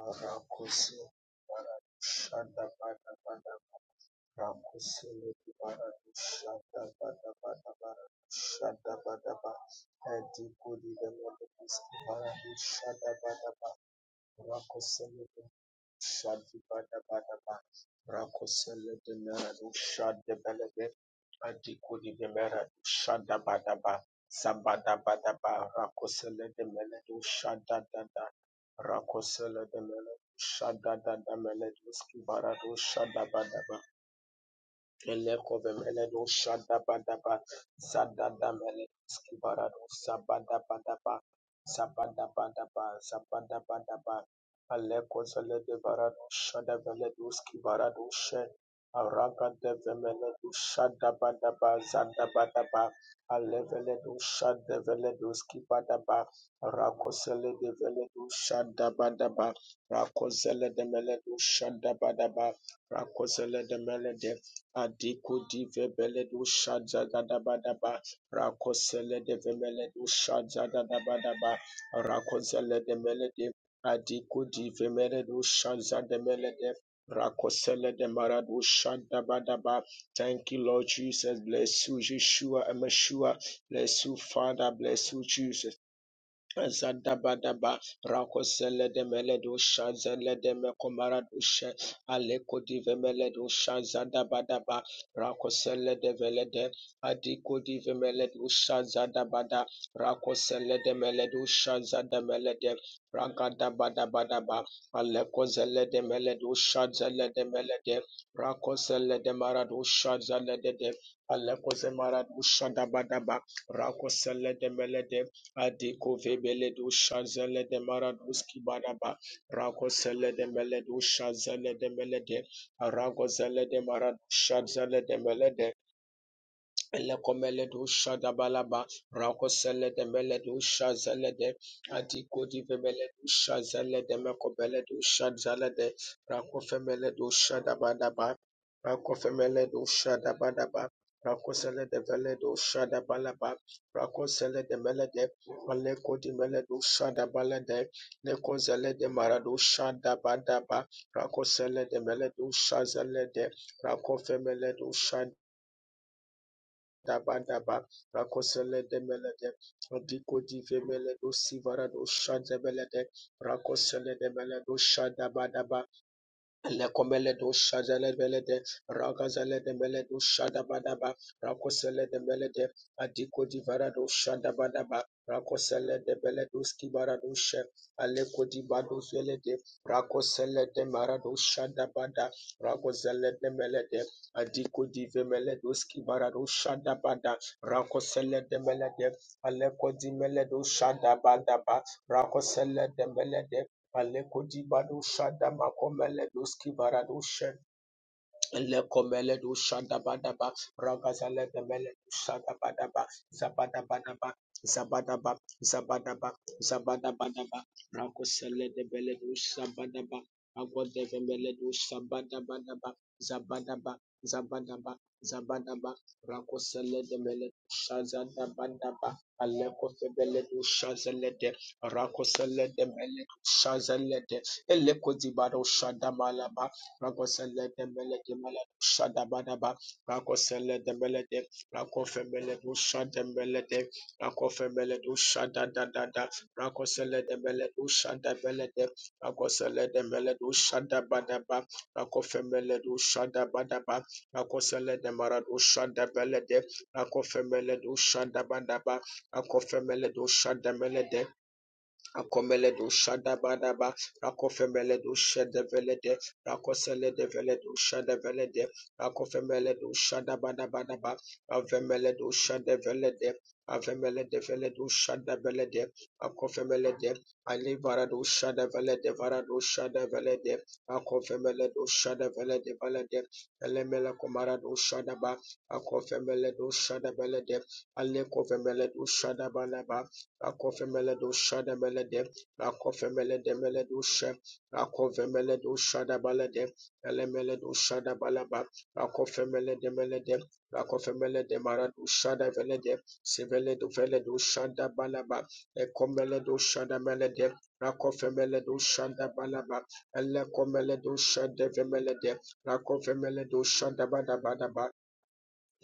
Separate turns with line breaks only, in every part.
Barakusi bada bana bana barakusi bada bada bana barashanda bana ba hadi kuri the Lord is barashanda bana barakusi Shadi bada bada ba. Rako sele de mera du shadi bele de. Adi kudi de mera du shada bada ba. Sabada bada ba. Rako sele de mele du shada da da. Rako sele de mele du shada da da mele du skibara du shada bada ba. Elekovemeledo shadabadaba sadadamele skibarado sabadabadaba sabadabadaba sabadabadaba alekozeledebarado shadaveledo skibarado she aragadevemeledo shadabadaba zadabadaba aleveledo do shada vele do skibadaba rakoseledeveledo shadabadaba rakozeledemeledo shadabadaba de mele do shada badaba rako zele de mele de Adiku dive beledu shaja gadabadaba rakosele de vemeledu shaja gadabadaba rakosele de melede adiku dive meledu shaja de melede rakosele de maradu shadabadaba. Thank you, Lord Jesus. Bless you, Yeshua and Meshua. Bless you, Father. Bless you, Jesus. Zadabadaba Rakosele de Meledusha Zele de Mekomaradusha Aleko dive Meledusha Zadabadaba Rakosele de Velede Adiko dive Meledusha Zadabada Rakosele de Meledusha Zadamelede Ragadabadabadaba Aleko Zele de Meledusha Zele de Melede Rakosele de Maradusha Zele de de Aleko Zemaradusha Dabadaba Rakosele de Melede Adikove beledu shazele de maraduski baraba rako sele de meledu shazele de melede arago zele de maradu shazele de melede Elekomeledu shadabalaba rakoseledu meledu shazalede atikodi vemeledu shazalede mekobeledu shazalede rakofemeledu shadabadaba rakofemeledu shadabadaba rakoselede veledu shadabalaba rakoselede melede alekodi meledu shadabalede lekozelede maradu shadabadaba rakoselede meledu shazalede rakofemeledu shadabadaba Daba daba, rakosele demelede, diko divemele do sivara do shadebelede, rakosele demele do shadaba daba, Lekomeledo shadele belede, ragazele de meledo shadabadaba, rakosele de melede, adiko di varado shadabadaba, rakosele de bele do Skibara do she, aleko di bado zelede, rakosele de mara do shadabada, rakosele de melede, adiko di skibara do shadabada, rakosele de melede, aleko di meledo shadabadaba, rakosele de melede, Alekodi badu shada makomele doski baradu shada. Lekomele du shada shadabadaba, ragazale gemele du shada badaba, zabada badaba, shadabadaba, zabadabadaba, zabadaba, zabadaba, zabadabadaba, rakosele de bele du shabadaba, agwade gemele du shabada badaba, shabadabadaba, zabadaba, zabadaba, zabadaba, rakosele de mele du shazada badaba, aleko febele du shazele de, rakosele de mele du shazele de, eleko dibaro shada malaba. Rakosele de Meleke Mele Shadabadaba, Rakosele de Melede, Rakofemele do Shadamelede, Rakofemele do Shadadadada, Rakosele de Mele do Shadabelede, Rakosele de Mele do Shadabadaba, Rakofemele do Shadabadaba, Rakosele de Mara do Shadabelede, Rakofemele do Shadabadaba, Rakofemele do Shadamelede, Akomele do shada bada ba Akomeledo do shada Shadavelede, Rakoseledo Veledo Shadavelede, Rakofemeledo Shadabadabadaba, Avemeledo Shadavelede, Avemelede Veledo Shadavelede, shada Alivarado Shadavelede, Varado Shadavelede, Akofemeledo Shadavelede Velede, Elemela Comarado Shadaba, do shada Alekofemeledo ba. akofemele do shada velede ale kofemele do shada bada ba Akofemeledo shadabalede, akofemeledo meledo she, akofemeledo shadabalede, elemeledo shadabalaba, akofemeledo melede, akofemeledo marado shadavelede, siveledo veledo shadabalaba, ekomeledo shadamelede, akofemeledo shadabalaba, elekomeledo shadavemelede, akofemeledo shadabadabadaba,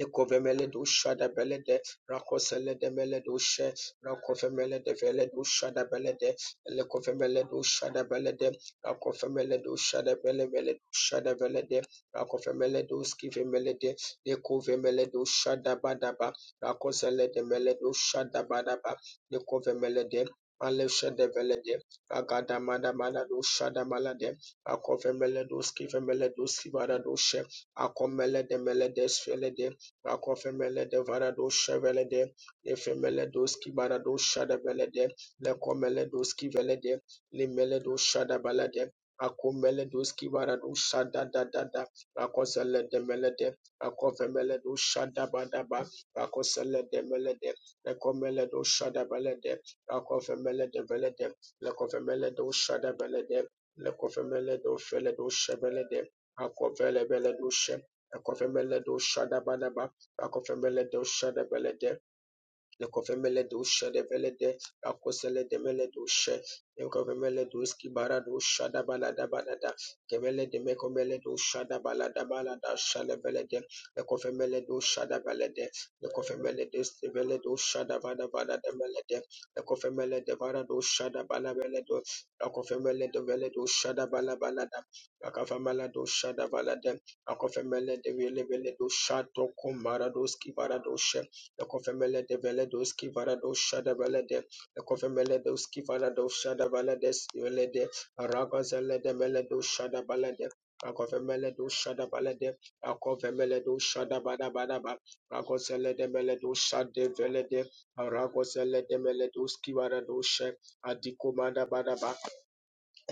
Ekovemele dusha da belede, rakosele de mele dushe, rakovemele de vele dusha da belede, lekovemele dusha da belede, rakovemele dusha da bele mele dusha da belede, rakovemele duski vemelede, lekovemele dusha da badaba, rakosele de mele dusha da badaba, lekovemele de Alesha de Velede, Agada Madamana Dusha da Malade, Akove Meleduski Vemeleduski Vada Dushe, Akomele de Meledes Velede, Akofemele de varado shevele de efemele doski barado shada vele de lekomele doski vele de limele do shada vele de akomele doski barado shada da da da akosele de mele de akofemele do shada bada ba akosele de mele de lekomele do shada vele de akofemele de vele de lekomele do shada vele de lekomele do fele do shevele de akofele vele do she Ekofemele do shada Rakofembele dosha debele Le Lekovemele doshe develede, akosele demele doshe, lekovemele doski bara dosha da balada balada, kemele de mekomele dosha da balada balada shalevelede, lekovemele dosha da balede, lekovemele desvele dosha da vada vada demelede, lekovemele de le kofe mele de vara dosha da balabele do, lekovemele de vele dosha da bala balada, balabalada, akavamala dosha da balade, akofemele de vele vele dosha to komara doski bara doshe, the Lekofemele de Veledos Kivarado Shadabalade, Lekofemeledos Kivarado Shadabalades Yolede, Ragazalede Meledo Shadabalade, Akofemeledo Shadabalade, Akofemeledo Shadabadabadaba, Ragozelede Meledo Shade Velede, Ragozele de Meledos ki varado She, Adikomada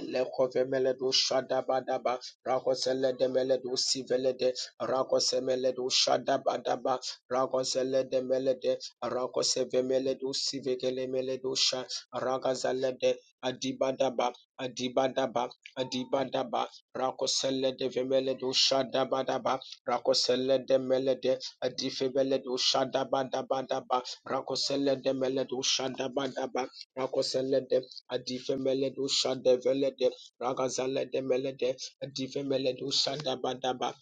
Lekovemeledu Shadabadaba, Rakoseledemeledu Sivelede, Rakosemeledu Shadabadaba, Rakoseledemelede, Rakosevemeledu Sivekelemeledu Sha, Rakazalede, Adibadaba, Adibadaba, Adibadaba, Rakoseledevemeledu Shadabadaba, Rakoseledemelede, Adifebeledu Shadabadabadaba, Rakoseledemeladu Shadabadaba, Rakosele de adifemele do shada Adifemeled Ushadeveled Ragazaled Melede adifemele do shada badaba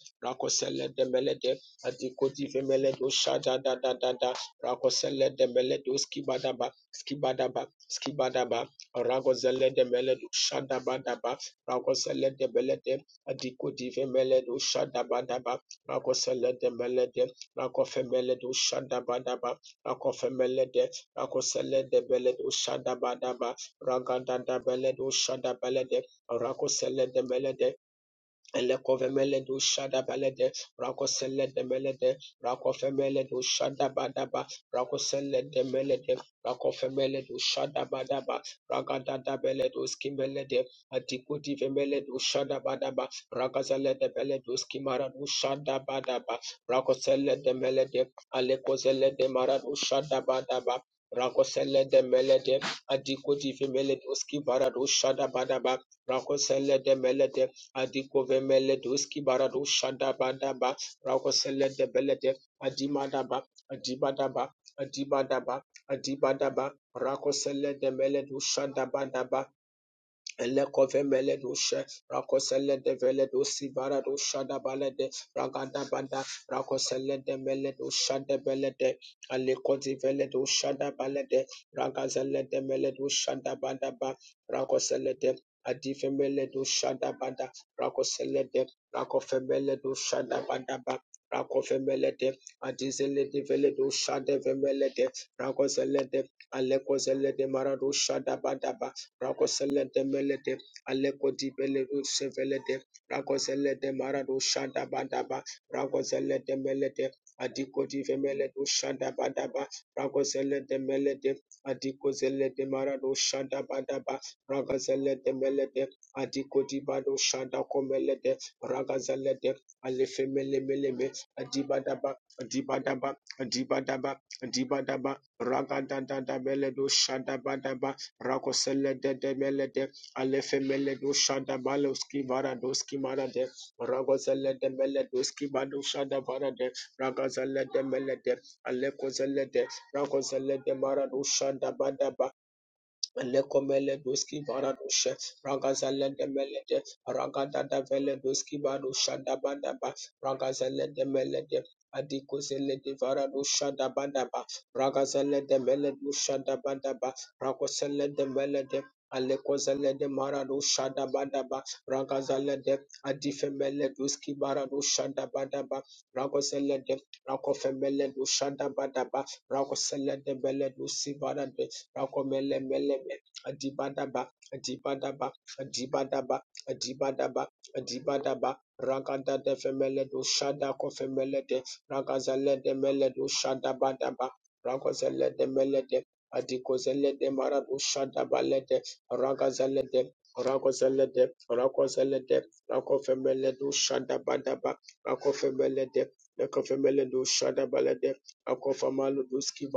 Ushadabadaba de Melede Adikotifemeled Ushadadadada Rakoseled Meled Uskibadaba Skibadaba Skibadaba Ragozeled Meled Ushadabadaba Rakoseled Melede Adikotifemeled Ushadabadaba Rakoseled Melede Rakofemeled Ushadabadaba de Rakoseled shada badaba. Ragada da belede, ushada belede, rakosele de belede, Elekovemele do shada balede, rakosele de melede, rakofemele do shada badaba, rakosele de melede, rakofemele do shada badaba, ragada da bele do skimele de, atikudi vemele do shada badaba, ragazele de bele do skimara do shada badaba, rakosele de melede, alekozele de mara do shada badaba, rakosele de melede, atikudi vemele do skivara do shada badaba, rakosele de melede, Adikovemele doski barado shadabadaba rakosele debelede adimadaba adibadaba adibadaba adibadaba rakosele debele do shadabadaba Elekovemele doshe, rakosele devele dosi vara dosha da balede, ragada bada, rakosele de mele dosha de belede, alekoti vele dosha da balede, ragazele de mele dosha da bada ba, rakosele de, adifemele dosha da bada, rakosele de, rakofemele dosha da bada ba, rakofemele de, adizele de vele dosha de vemele de, rakosele de, alekozele de mara dosha da bada ba, Rakoselete melete, alekoti peledu sevelete, rakoselete maradu shanda badaba, rakoselete melete, adikoti femeledu shanda badaba, rakoselete melete, adikozelete maradu shanda badaba, rakoselete melete, adikoti badu shanda komelete, rakazelete, alefemele meleme, adibadaba, adibadaba, adibadaba, adibadaba, ragadadada meledu shanda badaba, rakosele de de mele de alefe mele do shada baloski vara doski mara de ragozele de mele doski bado shada bara de ragozele de mele de alekozele de ragozele de mara do shada bada ba Lekomeledoski Baradushe, Ragazele de Melede, Ragada da Veledoski Barusha da Badaba, Ragazele de Melede, Adikozele de Varadusha da Badaba, Ragazele de Meledusha da Badaba, Ragosele de Melede, Alekozele de Maradusha da Badaba, Ragazele de Adifemele Duski Baradusha da Badaba, Ragosele de Rakofemele Dusha da Badaba, Ragosele de Beledusi Barade, Rakomelebelebe, Adibadaba, Adibadaba, Adibadaba, Adibadaba, Adibadaba, Ragada de femele do Shada Kofemelede, Ragazele de mele do Shada Badaba, Ragozele de Melede, Adikozele de Marado, Shada Balede, Ragazele de Ragozele de Ragozele de Rakofemeledo, Shada Badaba, Rakofemelede, do Shada Balede, do Duski,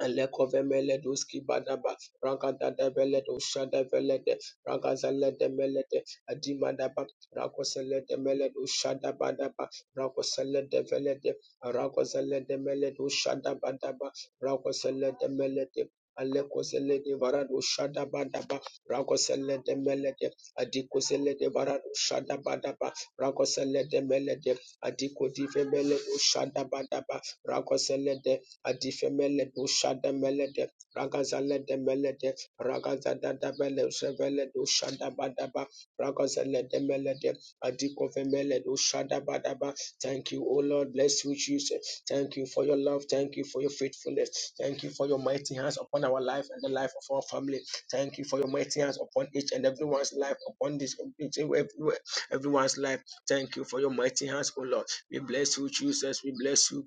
Lekovemele doski badaba, Ragada de Veledo, Shada Velede, Ragazele de Melede, Adimadaba, Rakosele de Meledo, Shada Badaba, Rakosele de Velede, Ragozele de Meledo, Shada Badaba, Rakosele de Melede. Alekosele de Varado Shada Badaba, Rakosele de Melede, Adikosele de Varado Shada Badaba, Rakosele de Melede, Adiko di Vemeledo Shada Badaba, Rakosele de adifemele bushada melede ragazalede melede ragazadada bele sevele dushada badaba ragazalede melede adikofemele dushada badaba thank you o lord bless you jesus thank you for your love thank you for your faithfulness thank you for your mighty hands upon our life and the life of our family thank you for your mighty hands upon each and everyone's life upon this each and everywhere everyone's life thank you for your mighty hands o lord we bless you jesus we bless you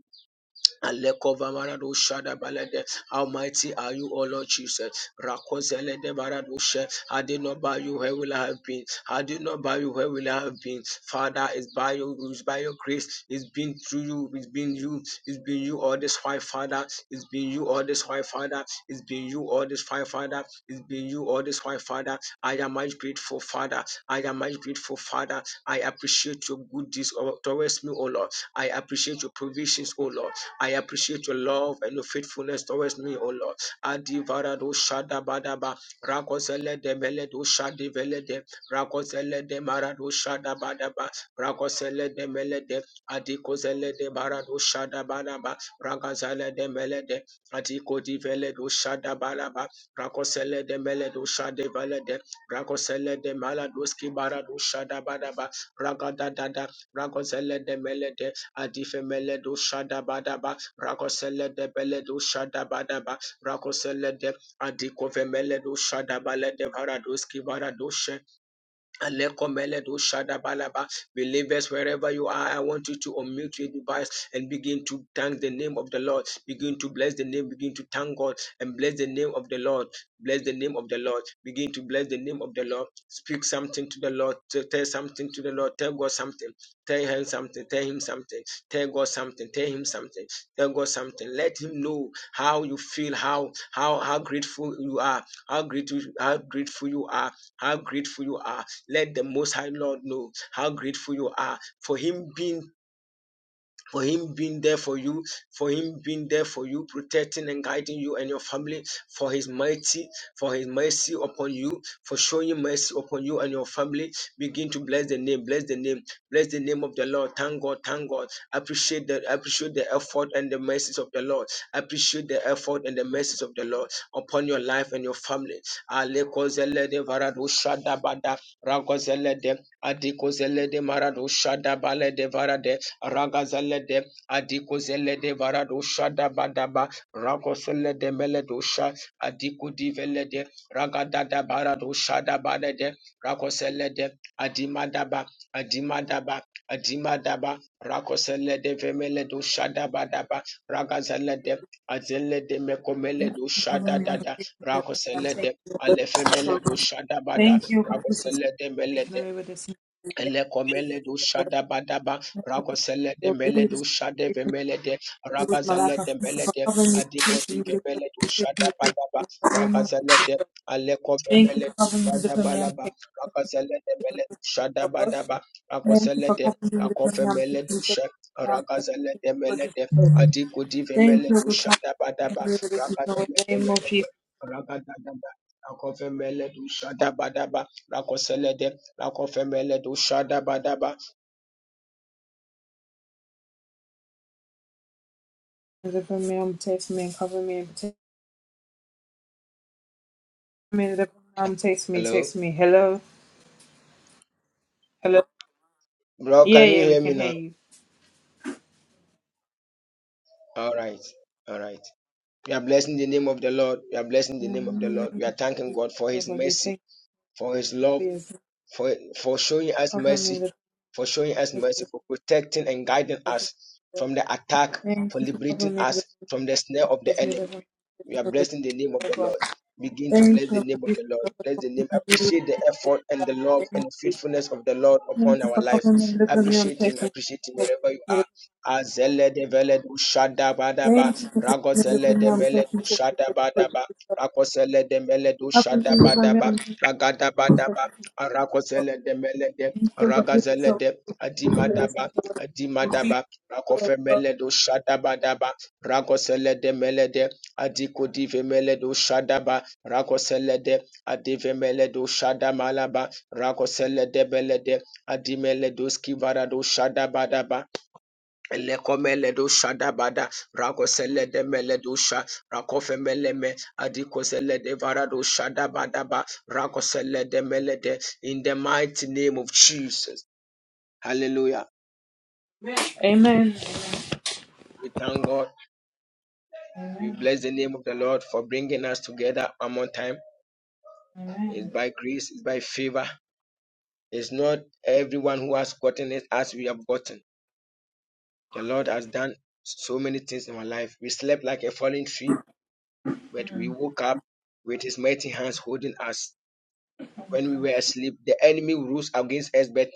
Alekovamaradu Shadabalede. How mighty are you, O Lord Jesus? Rakozelede Baradushe. Had it not by you, where will I have been? Had it not by you, where will I have been? Father, it's by your it's by your grace. It's been through you. It's been you. It's been you all this while, Father. It's been you all this while, Father. It's been you all this while, Father. It's been you all this while, Father. I am much grateful, Father. I am much grateful, Father. I appreciate your good deeds towards me, O Lord. I appreciate your provisions, O Lord. I appreciate your love and your faithfulness towards me, O Lord. Adivarado Shadabadaba, Rakosele de Meledo Shadivelede, Rakosele de Marado Shadabadaba, Rakosele de Melede, Adikosele de Barado Shadabadaba, Rakazale de Melede, Adiko di Veledo Shadabalaba, Rakosele de Meledo Shadevalede, Rakosele de Maladoski Barado Shadabadaba, Ragadadada, Rakosele de Melede, adifemele do shada badaba, rakosele de bele do shada badaba, rakosele de adikovemele do shada shadabale de varadoski varado Alekomeledo shadabalaba. Believers, wherever you are, I want you to unmute your device and begin to thank the name of the Lord. Begin to bless the name. Begin to thank God and bless the name of the Lord. Bless the name of the Lord. Begin to bless the name of the Lord. Speak something to the Lord. T- Tell something to the Lord. Tell God something. Tell him something. Tell him something. Tell God something. Tell him something. Tell God something. Let him know how you feel. How how how grateful you are. How grateful how grateful you are. How grateful you are let the Most High Lord know how grateful you are for Him being for him being there for you, for him being there for you, protecting and guiding you and your family, for his mighty, for his mercy upon you, for showing mercy upon you and your family. Begin to bless the name, bless the name, bless the name of the Lord. Thank God, thank God. Appreciate the appreciate the effort and the mercies of the Lord. Appreciate the effort and the mercies of the Lord upon your life and your family. Alekozelede varado shadabada, rakozelede, adikozelede marado shadabalede varade, ragazelede adikozelede varado shada badaba ragoselede meledosha adikudivelede ragadada barado shada badede ragoselede adimadaba adimadaba adimadaba rakoselede vemeledo shada badaba ragazelede azelede
Thank
mekomeledo shada dada rakoselede alefemeledo shada bada
you for this is
rakoselede
taken
melede
away with this. Thank
Elekomele
you
do shada badaba ragosele de mele do shade vemele de ragazele
for
de
covering me
mele de
with
adikoti
me.
vemele
I'm
do shada badaba
taking
ragazele de aleko
Thank you
vemele
for
do
covering me
shada
with
balaba
me.
ragazele de mele do shada badaba ragosele de akofemele do shada
i
ragazele de mele de adikoti
Thank
vemele
you
do
for
shada
covering
badaba ragazele de
me
mele
with me.
de ragadadaba akofemele do shada badaba ragosele de
Deliver me, um, taste me, and cover me, and protect me. Deliver me, um, taste me,
Hello,
taste me. Hello, hello.
bro.
Yeah,
Can you
yeah, we
hear me
can hear
now?
you.
All right, all right. We are blessing the name of the Lord. We are blessing the name of the Lord. We are
Mm,
thanking God for
So,
His
God, we
mercy,
thank
for His
you for
love,
your grace.
for for showing us
cover me,
mercy,
deliver
for showing
me,
us
taste me,
mercy, for protecting and guiding
Lord Jesus.
us from the attack,
Thank
for
you for
liberating
covering me,
us
deliver
from the snare
me,
of
taste
the
me,
enemy.
deliver me,
We
taste
are
me, Lord
blessing the name
Jesus.
of
Oh,
the
God.
Lord. Begin to bless
Thank you,
the
Lord
name of
Jesus,
the Lord.
Lord God,
Bless
for
the name.
making me really thankful
Appreciate the
for that.
effort and the love
Thank
and
you
faithfulness of the Lord upon
Thank you
our
for
life.
covering me, deliver me, um,
Appreciate Him.
taste me, taste
Appreciate Him
me, taste
wherever you
me, Lord Jesus.
are. Azele de vele du shada
Thank
badaba.
you for covering me, deliver
Ragozele
me,
de
um,
mele
taste me,
du
taste me, taste
shada
me, Lord
badaba.
Jesus.
Rakosele de mele du
Often
shada
we move
badaba.
around
Ragada badaba.
and
Arakosele de mele de.
feel what you
Ragazele
so
de.
listen
Adimadaba.
to what you see.
Adimadaba. Rakofemele du shada badaba. Rakosele de mele de. Adikudivemeledu Shadaba Rakoselede Adivemeledu Shadamalaba Rakosele Belede Adimeledu Skivaradu Shadabadaba Lekomeledu Shadabada Rakosele de Meledusha Rakofemeleme Adikosele de Varadu Shadabadaba Rakosele Melede in the mighty name of Jesus. Hallelujah.
Amen.
We thank God. We
Amen.
bless the name of the Lord for bringing us together one more time.
Amen.
It's
Amen.
by grace, it's by favor It's not everyone who has gotten it as we have gotten. The Lord has done so many things in our life. We slept like a fallen tree, but we
Amen.
woke up with his mighty hands holding us. When we were asleep, the enemy rose against us, but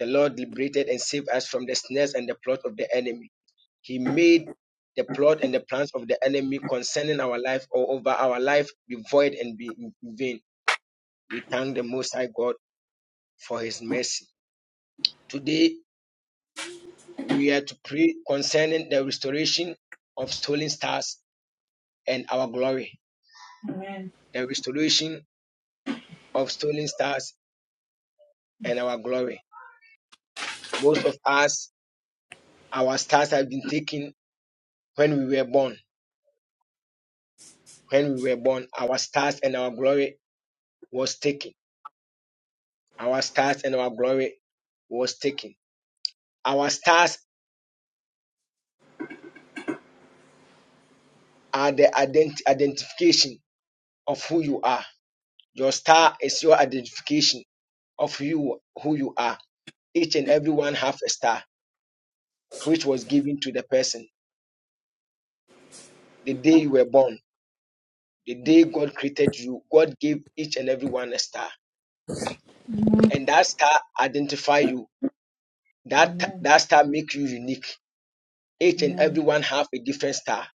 the Lord liberated and saved us from the snares and the plot of the enemy. He made the plot and the plans of the enemy concerning our life or over our life be void and be in vain. We thank the Most High God for his mercy. Today We are to pray concerning the restoration of stolen stars and our glory.
Amen.
The restoration of stolen stars and our glory. Most of us, our stars have been taken when we were born. When we were born, our stars and our glory was taken. Our stars and our glory was taken. Our stars are the ident- identification of who you are. Your star is your identification of you who you are. Each and every one have a star which was given to the person the day you were born, the day God created you. God gave each and every one a star, and that star identify you. That
Amen.
that star make you unique. Each and
Amen.
every one have a different star.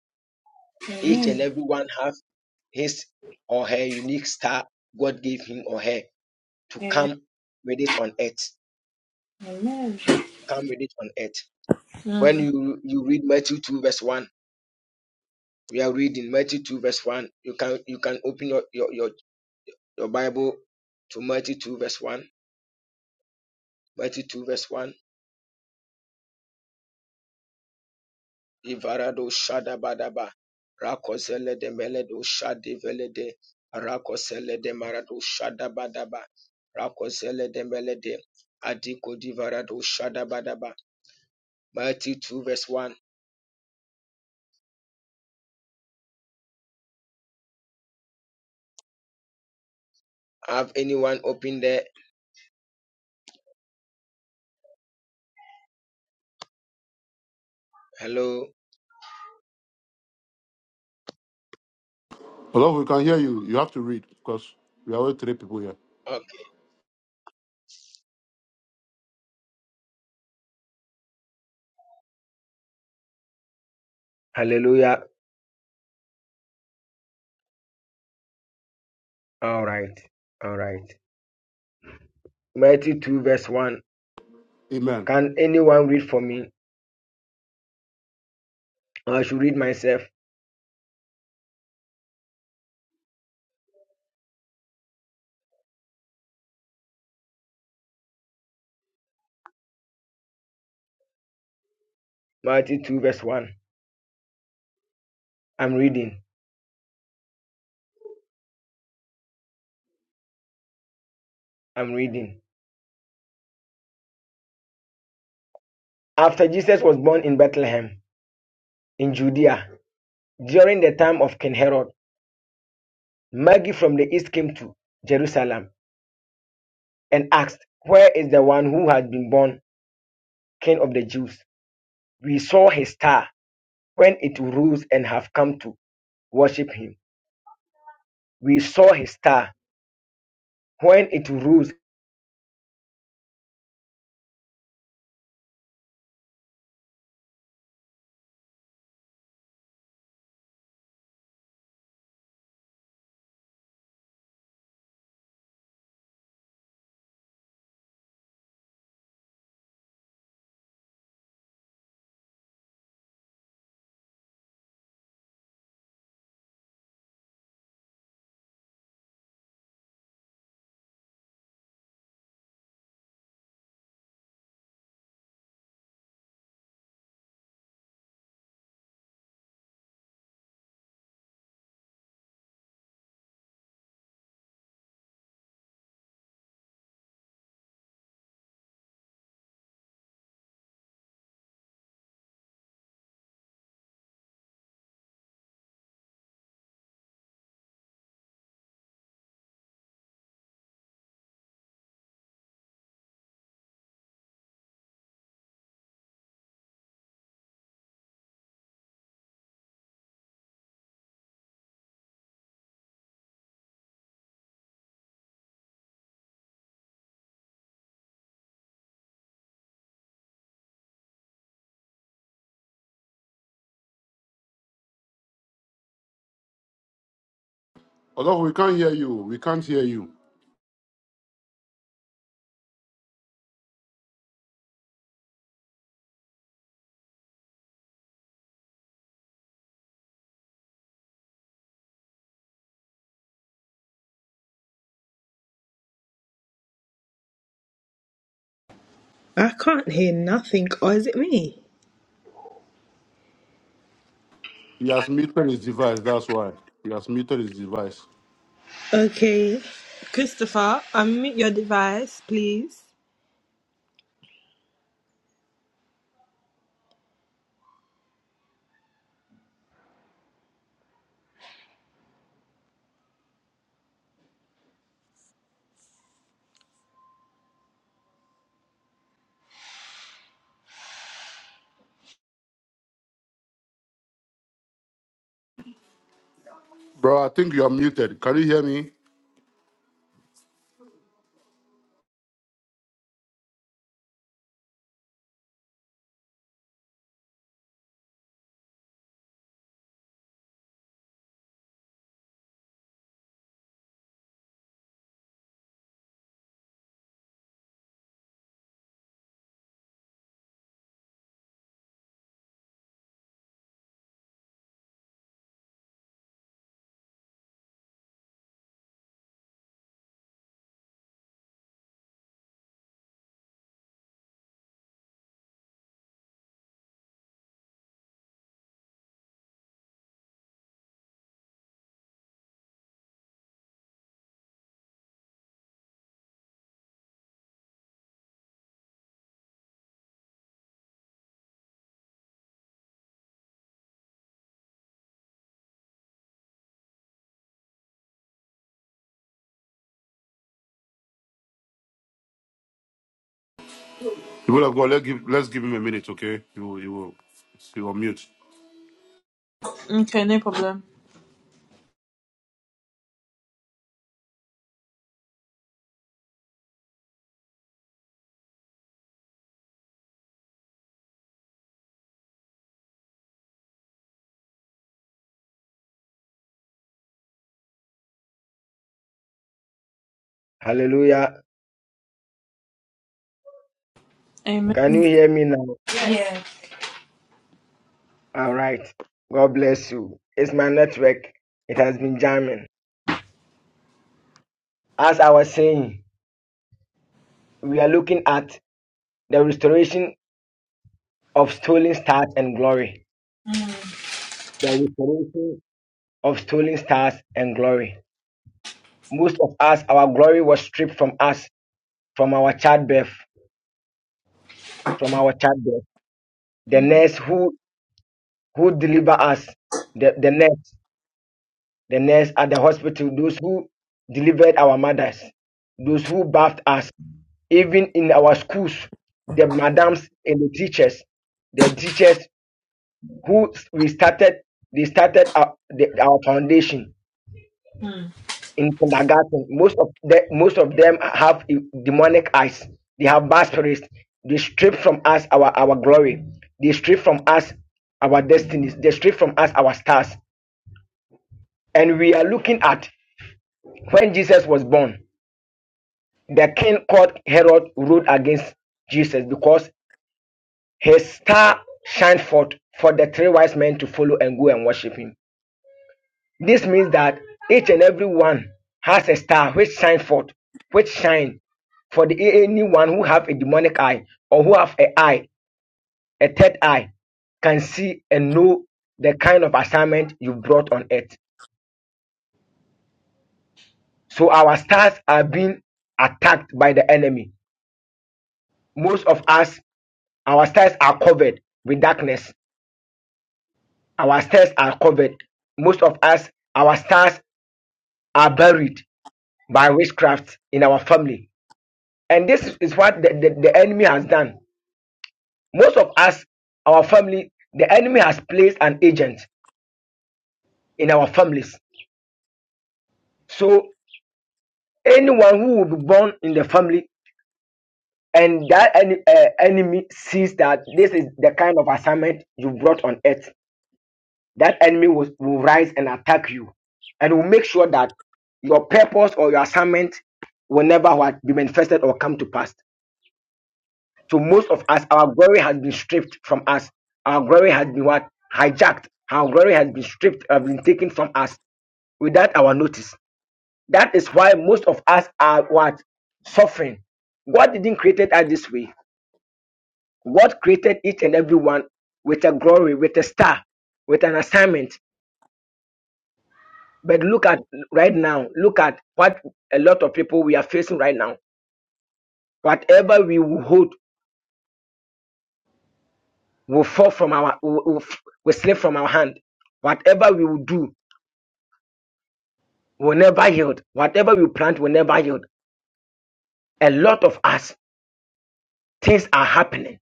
Each and every one have his or her unique star. God gave him or her to
Amen.
come with it on earth.
Amen.
To come with it on earth. When
Mm.
you you read Matthew two verse one, we are reading Matthew two verse one. You can you can open your your your, your Bible to Matthew two verse one 32 verse 1 ivarado shada badaba. rakozele de meledo shadi velede rakozele de marado shada badaba. rakozele de melede adiko divarado shada shadabadaba 32 verse 1 have anyone open there hello
Although we can hear you, you have to read because we are only three people here.
okay hallelujah all right all right 32 verse 1
Amen.
can anyone read for me i should read myself 32 verse 1 i'm reading i'm reading After Jesus was born in Bethlehem in Judea during the time of King Herod, Magi from the east came to Jerusalem and asked, Where is the one who has been born King of the Jews? We saw his star when it rose and have come to worship him. We saw his star when it rose.
Although we can't hear you, we can't hear you.
I can't hear nothing. Or is it me?
He has muted his device. That's why he has muted his device.
Okay. Christopher, unmute your device, please.
Bro, I think you are muted. Can you hear me? People of God, let's give let's give him a minute, okay? He will he will he will mute.
Okay, no problem.
Hallelujah.
Amen.
Can you hear me now? All right. God bless you. It's my network. It has been jamming. As I was saying, we are looking at the restoration of stolen stars and glory.
Mm.
The restoration of stolen stars and glory. Most of us, our glory was stripped from us, from our childbirth, from our childbirth. The
Mm.
nurse who who deliver us, the, the nurse, the nurse at the hospital, those who delivered our mothers, those who bathed us, even in our schools, the madams and the teachers, the teachers who we started, they started our, the, our foundation
Mm.
in kindergarten. Most of the, most of them have e- demonic eyes. They have bad spirits. They strip from us our our glory. They strip from us our destinies. They strip from us our stars. And we are looking at when Jesus was born. The king called Herod ruled against Jesus because his star shined forth for the three wise men to follow and go and worship him This means that each and every one has a star which shine forth, which shine for the anyone who have a demonic eye or who have a eye, a third eye, can see and know the kind of assignment you brought on earth. So our stars are being attacked by the enemy. Most of us, our stars are covered with darkness. Our stars are covered. Most of us, our stars are buried by witchcraft in our family And this is what the, the, the enemy has done. Most of us, our family, the enemy has placed an agent in our families. So anyone who will be born in the family and that any, uh, enemy sees that this is the kind of assignment you brought on earth, that enemy will, will rise and attack you and will make sure that your purpose or your assignment will never what, be manifested or come to pass. So most of us, our glory has been stripped from us. Our glory has been what? Hijacked. Our glory has been stripped, has been taken from us without our notice. That is why most of us are what? Suffering. God didn't create us this way. God created each and every one with a glory, with a star, with an assignment. But look at right now, look at what a lot of people we are facing right now. Whatever we will hold will fall from our, will, will will slip from our hand whatever we will do will never yield. Whatever we plant will never yield. A lot of us, things are happening.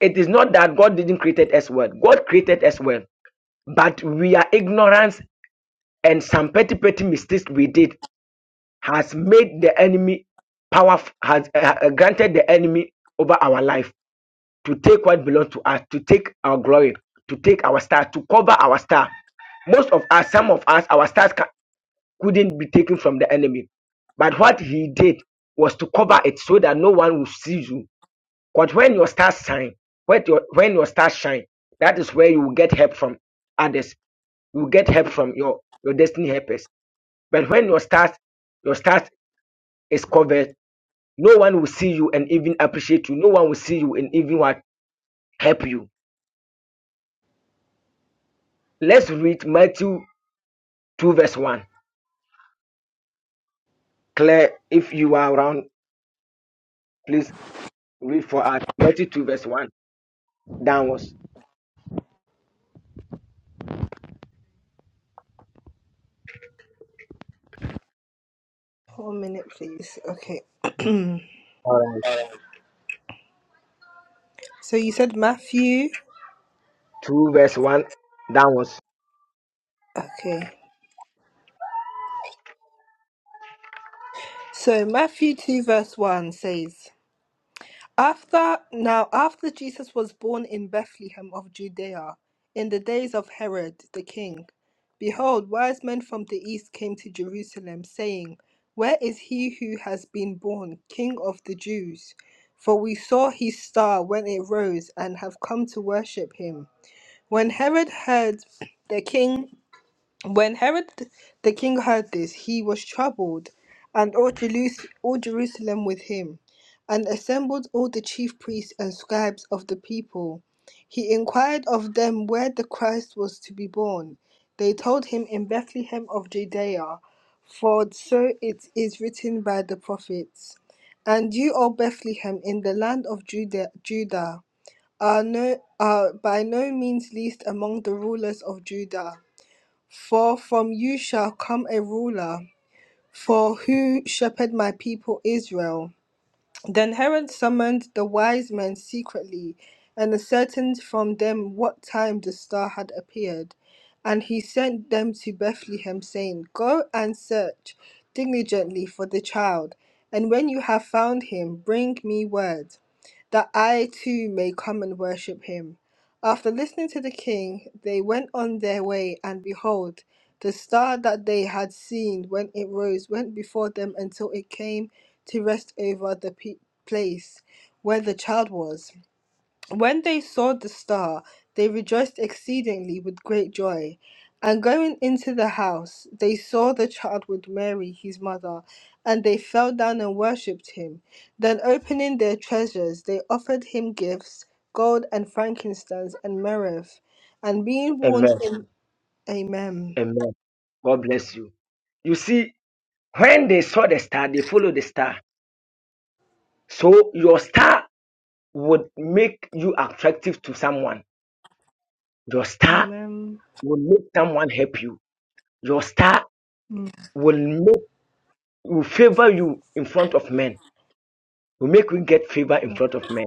It is not that God didn't create us well. God created us well. But we are ignorance and some petty, petty mistakes we did has made the enemy power, has uh, uh, granted the enemy over our life to take what belongs to us, to take our glory, to take our star, to cover our star. Most of us, some of us, our stars couldn't be taken from the enemy. But what he did was to cover it so that no one will see you. But when your stars shine, when your when your stars shine, that is where you will get help from others. You will get help from your your destiny helpers. But when your stars your stars is covered, no one will see you and even appreciate you. No one will see you and even what help you. Let's read Matthew two verse one. Claire, if you are around, please read for us Matthew two verse one downwards.
One minute, please. Okay. so you said Matthew.
2 verse 1 downwards.
Okay. So Matthew 2, verse 1 says, After now, after Jesus was born in Bethlehem of Judea, in the days of Herod the king, behold, wise men from the east came to Jerusalem, saying, Where is he who has been born, King of the Jews? For we saw his star when it rose, and have come to worship him. When Herod heard the king when Herod the king heard this, he was troubled, and all, Jerus- all Jerusalem with him, and assembled all the chief priests and scribes of the people. He inquired of them where the Christ was to be born. They told him in Bethlehem of Judea, for so it is written by the prophets. And you, O Bethlehem, in the land of Judah, Judah are, no, are by no means least among the rulers of Judah for from you shall come a ruler for who shepherd my people Israel. Then Herod summoned the wise men secretly and ascertained from them what time the star had appeared. And he sent them to Bethlehem, saying, Go and search diligently for the child, and when you have found him, bring me word, that I too may come and worship him. After listening to the king, they went on their way, and behold, the star that they had seen when it rose went before them until it came to rest over the pe- place where the child was. When they saw the star, they rejoiced exceedingly with great joy. And going into the house, they saw the child with Mary, his mother, and they fell down and worshipped him. Then, opening their treasures, they offered him gifts gold and frankincense and myrrh. And being warned
Amen.
in Amen.
Amen. God bless you. You see, when they saw the star, they followed the star. So your star would make you attractive to someone. Your star
Amen.
will make someone help you. Your star will make will favor you in front of men. Will make you get favor in front of men.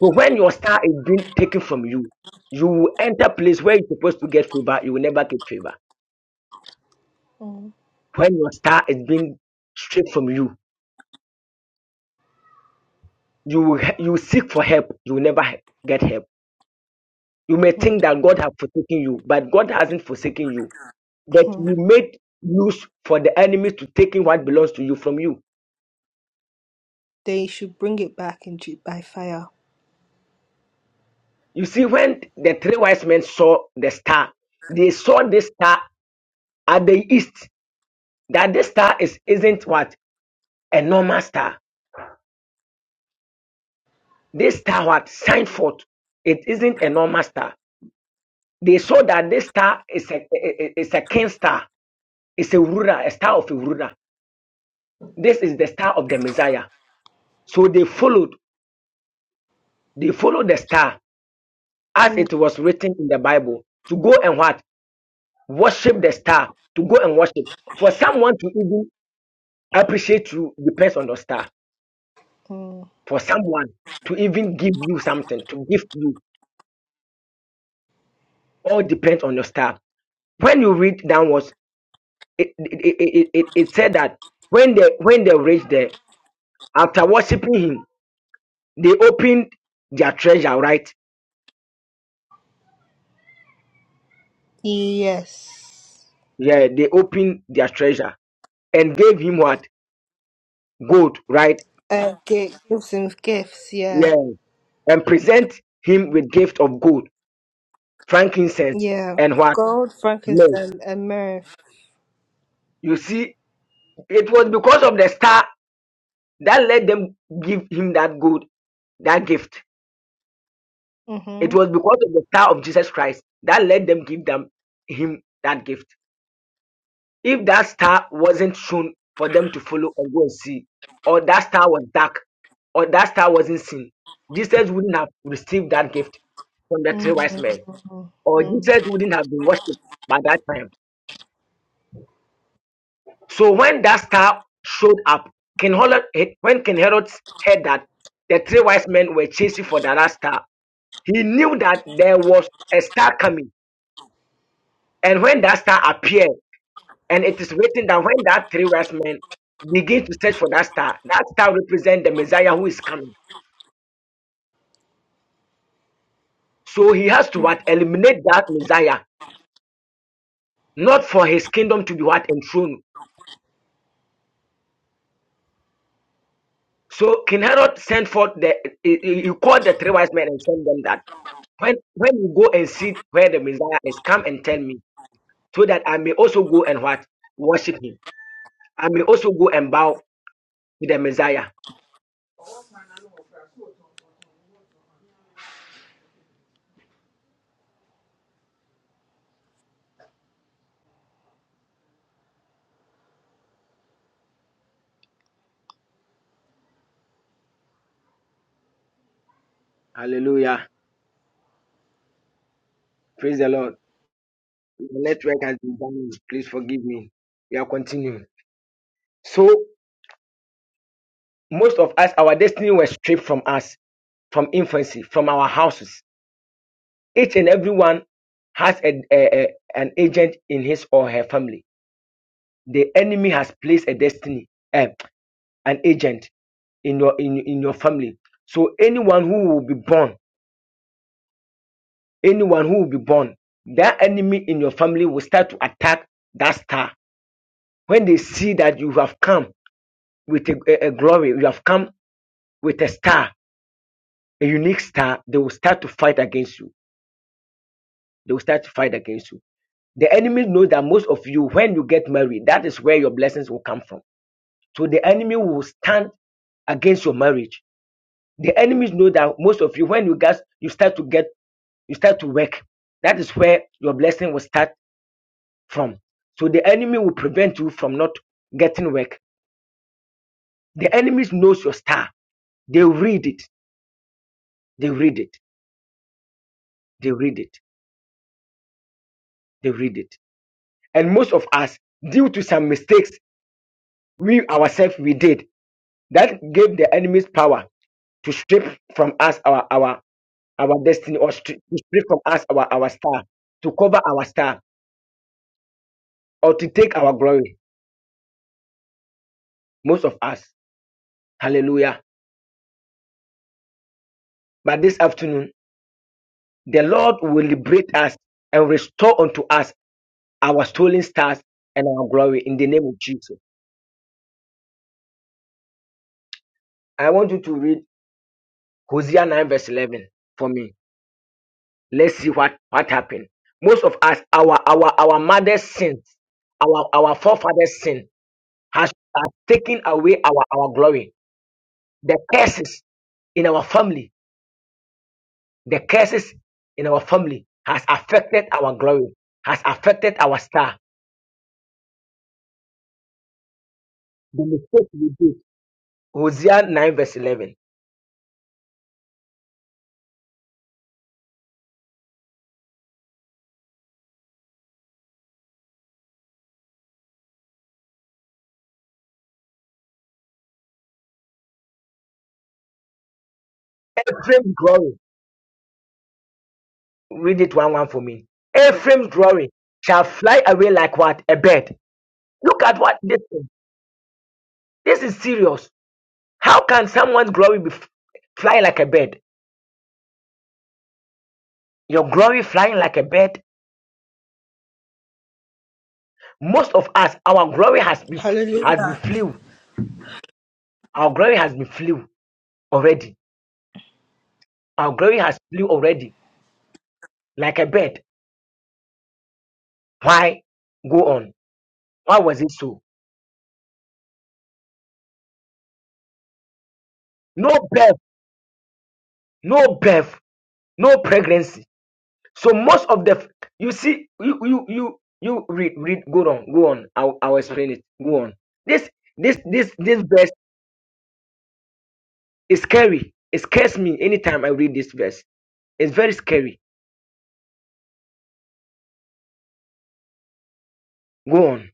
But when your star is being taken from you, you will enter place where you're supposed to get favor. You will never get favor.
Mm.
When your star is being stripped from you, you will he- you will seek for help you will never he- get help you may think
Mm.
that god has forsaken you but god hasn't forsaken you but you made use for the enemy to taking what belongs to you from you
they should bring it back in ju- by fire.
you see when the three wise men saw the star they saw this star at the east that this star is isn't what a normal star this star what signed forth it isn't a normal star they saw that this star is a, is a king star it's a ruler a star of a ruler this is the star of the Messiah. So they followed, they followed the star as
Hmm.
it was written in the Bible to go and what? Worship the star, to go and worship. For someone to even appreciate you depends on the star. For someone to even give you something, to give you, all depends on the star. When you read downwards, it, it, it, it, it said that when they when they reached there, after worshiping him, they opened their treasure, right?
Yes.
Yeah, they opened their treasure and gave him what? Gold, right?
Uh, gi- gives and gifts. Yeah.
Yeah. and present him with gift of gold, frankincense,
Yeah.
and what?
Gold,
Myrrh.
frankincense, and myrrh.
You see, it was because of the star that let them give him that gold, that gift. It
Mm-hmm.
was because of the star of Jesus Christ that let them give them him that gift. If that star wasn't shown for them to follow and go and see, or that star was dark, or that star wasn't seen, Jesus wouldn't have received that gift from the three wise men,
Mm-hmm.
or
Mm-hmm.
Jesus wouldn't have been worshipped by that time So when that star showed up, King Herod, when King Herod heard that the three wise men were chasing for that star, he knew that there was a star coming. And when that star appeared, and it is written that when that three wise men begin to search for that star, that star represents the Messiah who is coming. So he has to what eliminate that Messiah, not for his kingdom to be what enthroned. So King Herod sent forth the he, he he called the three wise men and sent them that. When when you go and see where the Messiah is, come and tell me, so that I may also go and what worship him. I may also go and bow to the Messiah. Hallelujah. Praise the Lord. The network has been damaged. Please forgive me. We are continuing. So most of us, our destiny was stripped from us, from infancy, from our houses. Each and every one has a, a- a- an agent in his or her family. The enemy has placed a destiny, eh, an agent. in your in, in your family. So anyone who will be born, anyone who will be born, that enemy in your family will start to attack that star. When they see that you have come with a, a- a glory, you have come with a star, a unique star, they will start to fight against you. They will start to fight against you. The enemy knows that most of you, when you get married, that is where your blessings will come from. So the enemy will stand against your marriage. The enemies know that most of you, when you guys you start to get you start to work. That is where your blessing will start from. So the enemy will prevent you from not getting work. The enemy knows your star. They read it. They read it. They read it. They read it. And most of us, due to some mistakes we ourselves we did, that gave the enemy's power to strip from us our our our destiny or stri- to strip from us our our star, to cover our star or to take our glory. Most of us. Hallelujah. But this afternoon, The Lord will liberate us and restore unto us our stolen stars and our glory in the name of Jesus. I want you to read Hosea 9, verse 11 for me. Let's see what, what happened. Most of us, our our our mother's sins, our our forefathers' sin has, has taken away our, our glory. The curses in our family, the curses in our family has affected our glory, has affected our star. The mistake we did. Hosea 9, verse 11. Ephraim's glory. Read it one one for me. Ephraim's glory shall fly away like what? A bird. Look at what this is. This is serious. How can someone's glory be f- fly like a bird? Your glory flying like a bird. Most of us, our glory has been f- has
Hallelujah.
been flew. Our glory has been flew already. Our glory has flew already like a bird. Why? Go on. Why was it so? No birth, no birth, no pregnancy. So most of the you see you you you you read read go on go on I'll, I'll explain it go on this this this this verse is scary it scares me anytime I read this verse it's very scary go on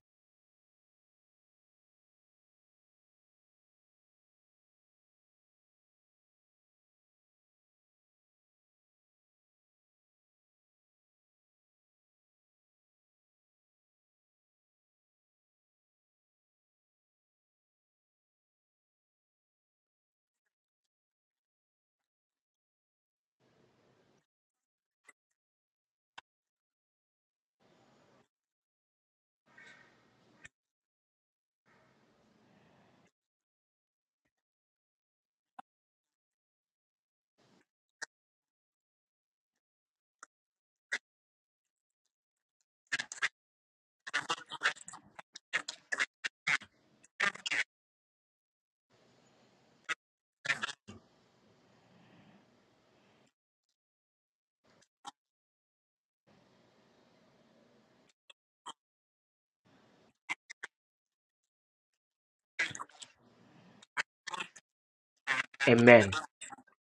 amen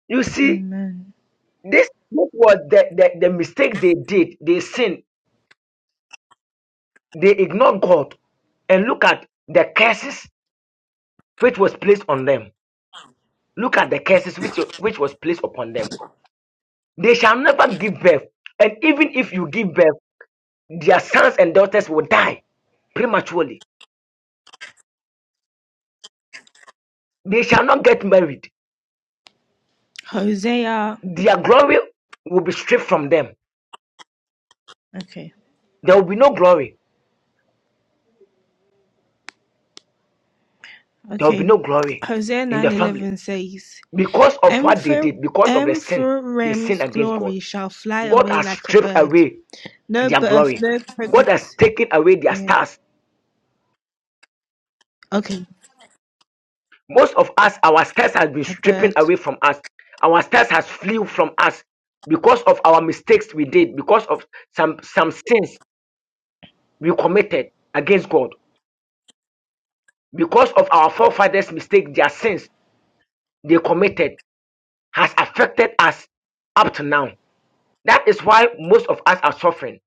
you see
Amen.
this this was the the, the mistake they did they sinned they ignored God and look at the curses which was placed on them look at the curses which which was placed upon them they shall never give birth and even if you give birth their sons and daughters will die prematurely. They shall not get married.
Hosea.
Their glory will be stripped from them.
Okay.
There will be no glory. There will be
Okay.
no glory
Hosea
in the family
9:11 says,
because of what they
"Ephra-
did, because of the sin they sinned
Ephraim's
against God.
glory shall fly
God
away
has
like a
stripped
bird.
away
No
their
birth,
glory.
no
God has
pregnancy.
taken away their
Yeah.
stars.
Okay.
Most of us, our stars has been
A
stripping
bird.
away from us. Our stars has flew from us because of our mistakes we did, because of some some sins we committed against God. because of our forefathers' mistake, their sins they committed has affected us up to now. That is why most of us are suffering.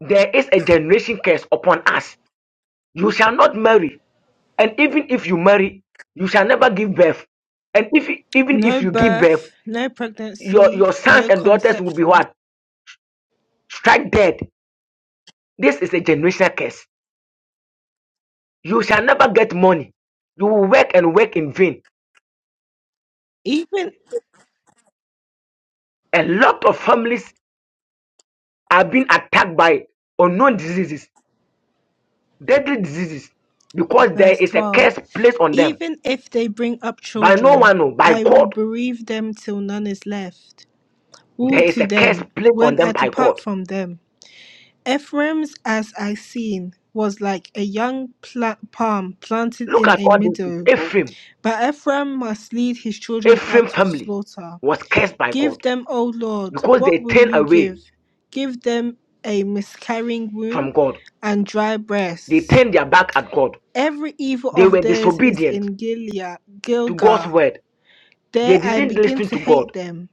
There is a generation curse upon us. You shall not marry, and even if you marry, you shall never give birth. And if even
No
if you give birth,
birth, no
your,
pregnancy,
your sons
no
and daughters will be
conception.
what? Strike dead. This is a generational curse. You shall never get money. You will work and work in vain.
Even
A lot of families are being attacked by unknown diseases deadly diseases because there
verse
is a
12,
curse placed on them
even if they bring up
by no
children,
one, no, by
I will
God.
bereave them till none is left. Woe
There is
to
a curse
them
placed on
when I
them by God.
depart from them. Ephraim's, as I seen, was like a young pla- palm planted
Look
in
at
a
all this.
meadow.
Ephraim,
But Ephraim must lead his children
Ephraim
out of
family
slaughter.
was cursed by
Give
God
them, O Lord,
because they
what will
turned
you
away
give? Give them a miscarrying womb
from God.
and dry
They
breasts.
turned their back at God.
Every evil
They
of
were
theirs is in
disobedient
Gilead,
to God's
Gilgal.
word. They
There I
didn't
begin
listen
to
to God.
hate them.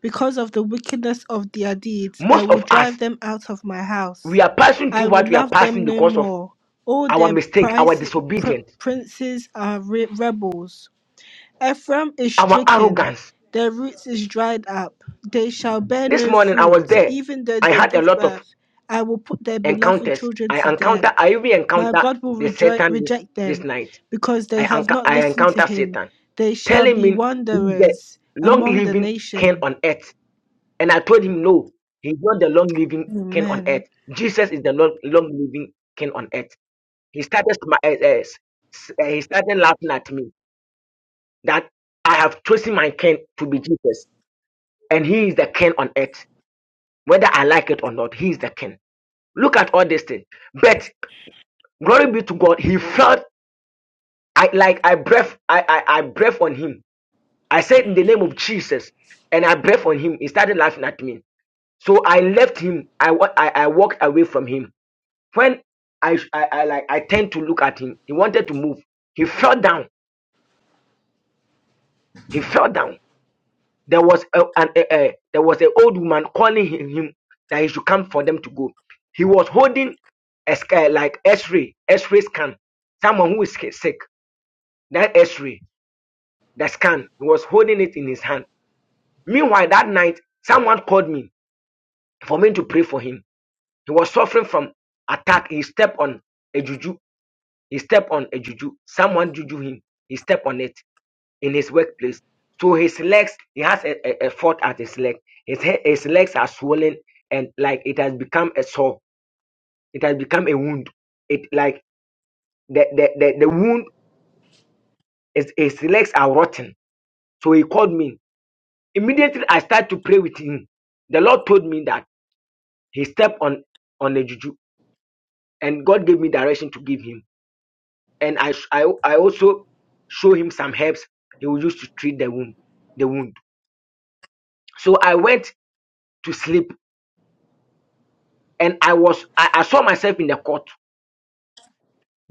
Because of the wickedness of their deeds, I
Most
will
of
drive
us,
them out of my house.
we are passing
I
through
will
what we are
love them
passing
no
because of
more. All
our
their
mistake, our
price, pr-
disobedience,
princes are re- rebels. Ephraim is
our
stricken,
arrogance.
their roots is dried up. They shall bear
This
no
morning I
fruit,
was there.
even though
I
they
had a
give
lot of
birth. I will put their beloved
encounters.
children
I
to death.
encounter. I even
My
encounter
God will
the
rejo-
Satan this
reject
this
them,
night.
because they
I
have
enc-
not
I
listened to
encounter
him.
Satan
They shall
telling
be
me he's the
wanderers
long
among the
living king
nation.
on earth, and I told him no, he's not the long living king on earth.
Amen.
Jesus is the long long living king on earth. He started smi- eh, eh, s- eh, he started laughing at me that I have chosen my king to be Jesus, and he is the king on earth, whether I like it or not. He is the king. Look at all these things, but glory be to God, he felt. I like I breath I, I I breath on him. I said in the name of Jesus, and I breath on him. He started laughing at me. So I left him. I wa- I, I walked away from him. When I, I I like I turned to look at him. He wanted to move. He fell down. He fell down. There was a, an a, a- there was an old woman calling him, him that he should come for them to go. He was holding a sc- uh, like X-ray X-ray scan. Someone who is sick. That X-ray that scan. He was holding it in his hand Meanwhile, that night, someone called me for me to pray for him. He was suffering from attack. He stepped on a juju. He stepped on a juju. Someone juju him. He stepped on it in his workplace. So his legs, he has a, a, a fault at his leg. His, he- his legs are swollen and like it has become a sore. It has become a wound. It like the the, the, the wound is his legs are rotten. So he called me. Immediately I started to pray with him. The Lord told me that he stepped on on a juju and God gave me direction to give him. And I I, I also show him some herbs he will use to treat the wound, the wound. So I went to sleep and I was I, I saw myself in the court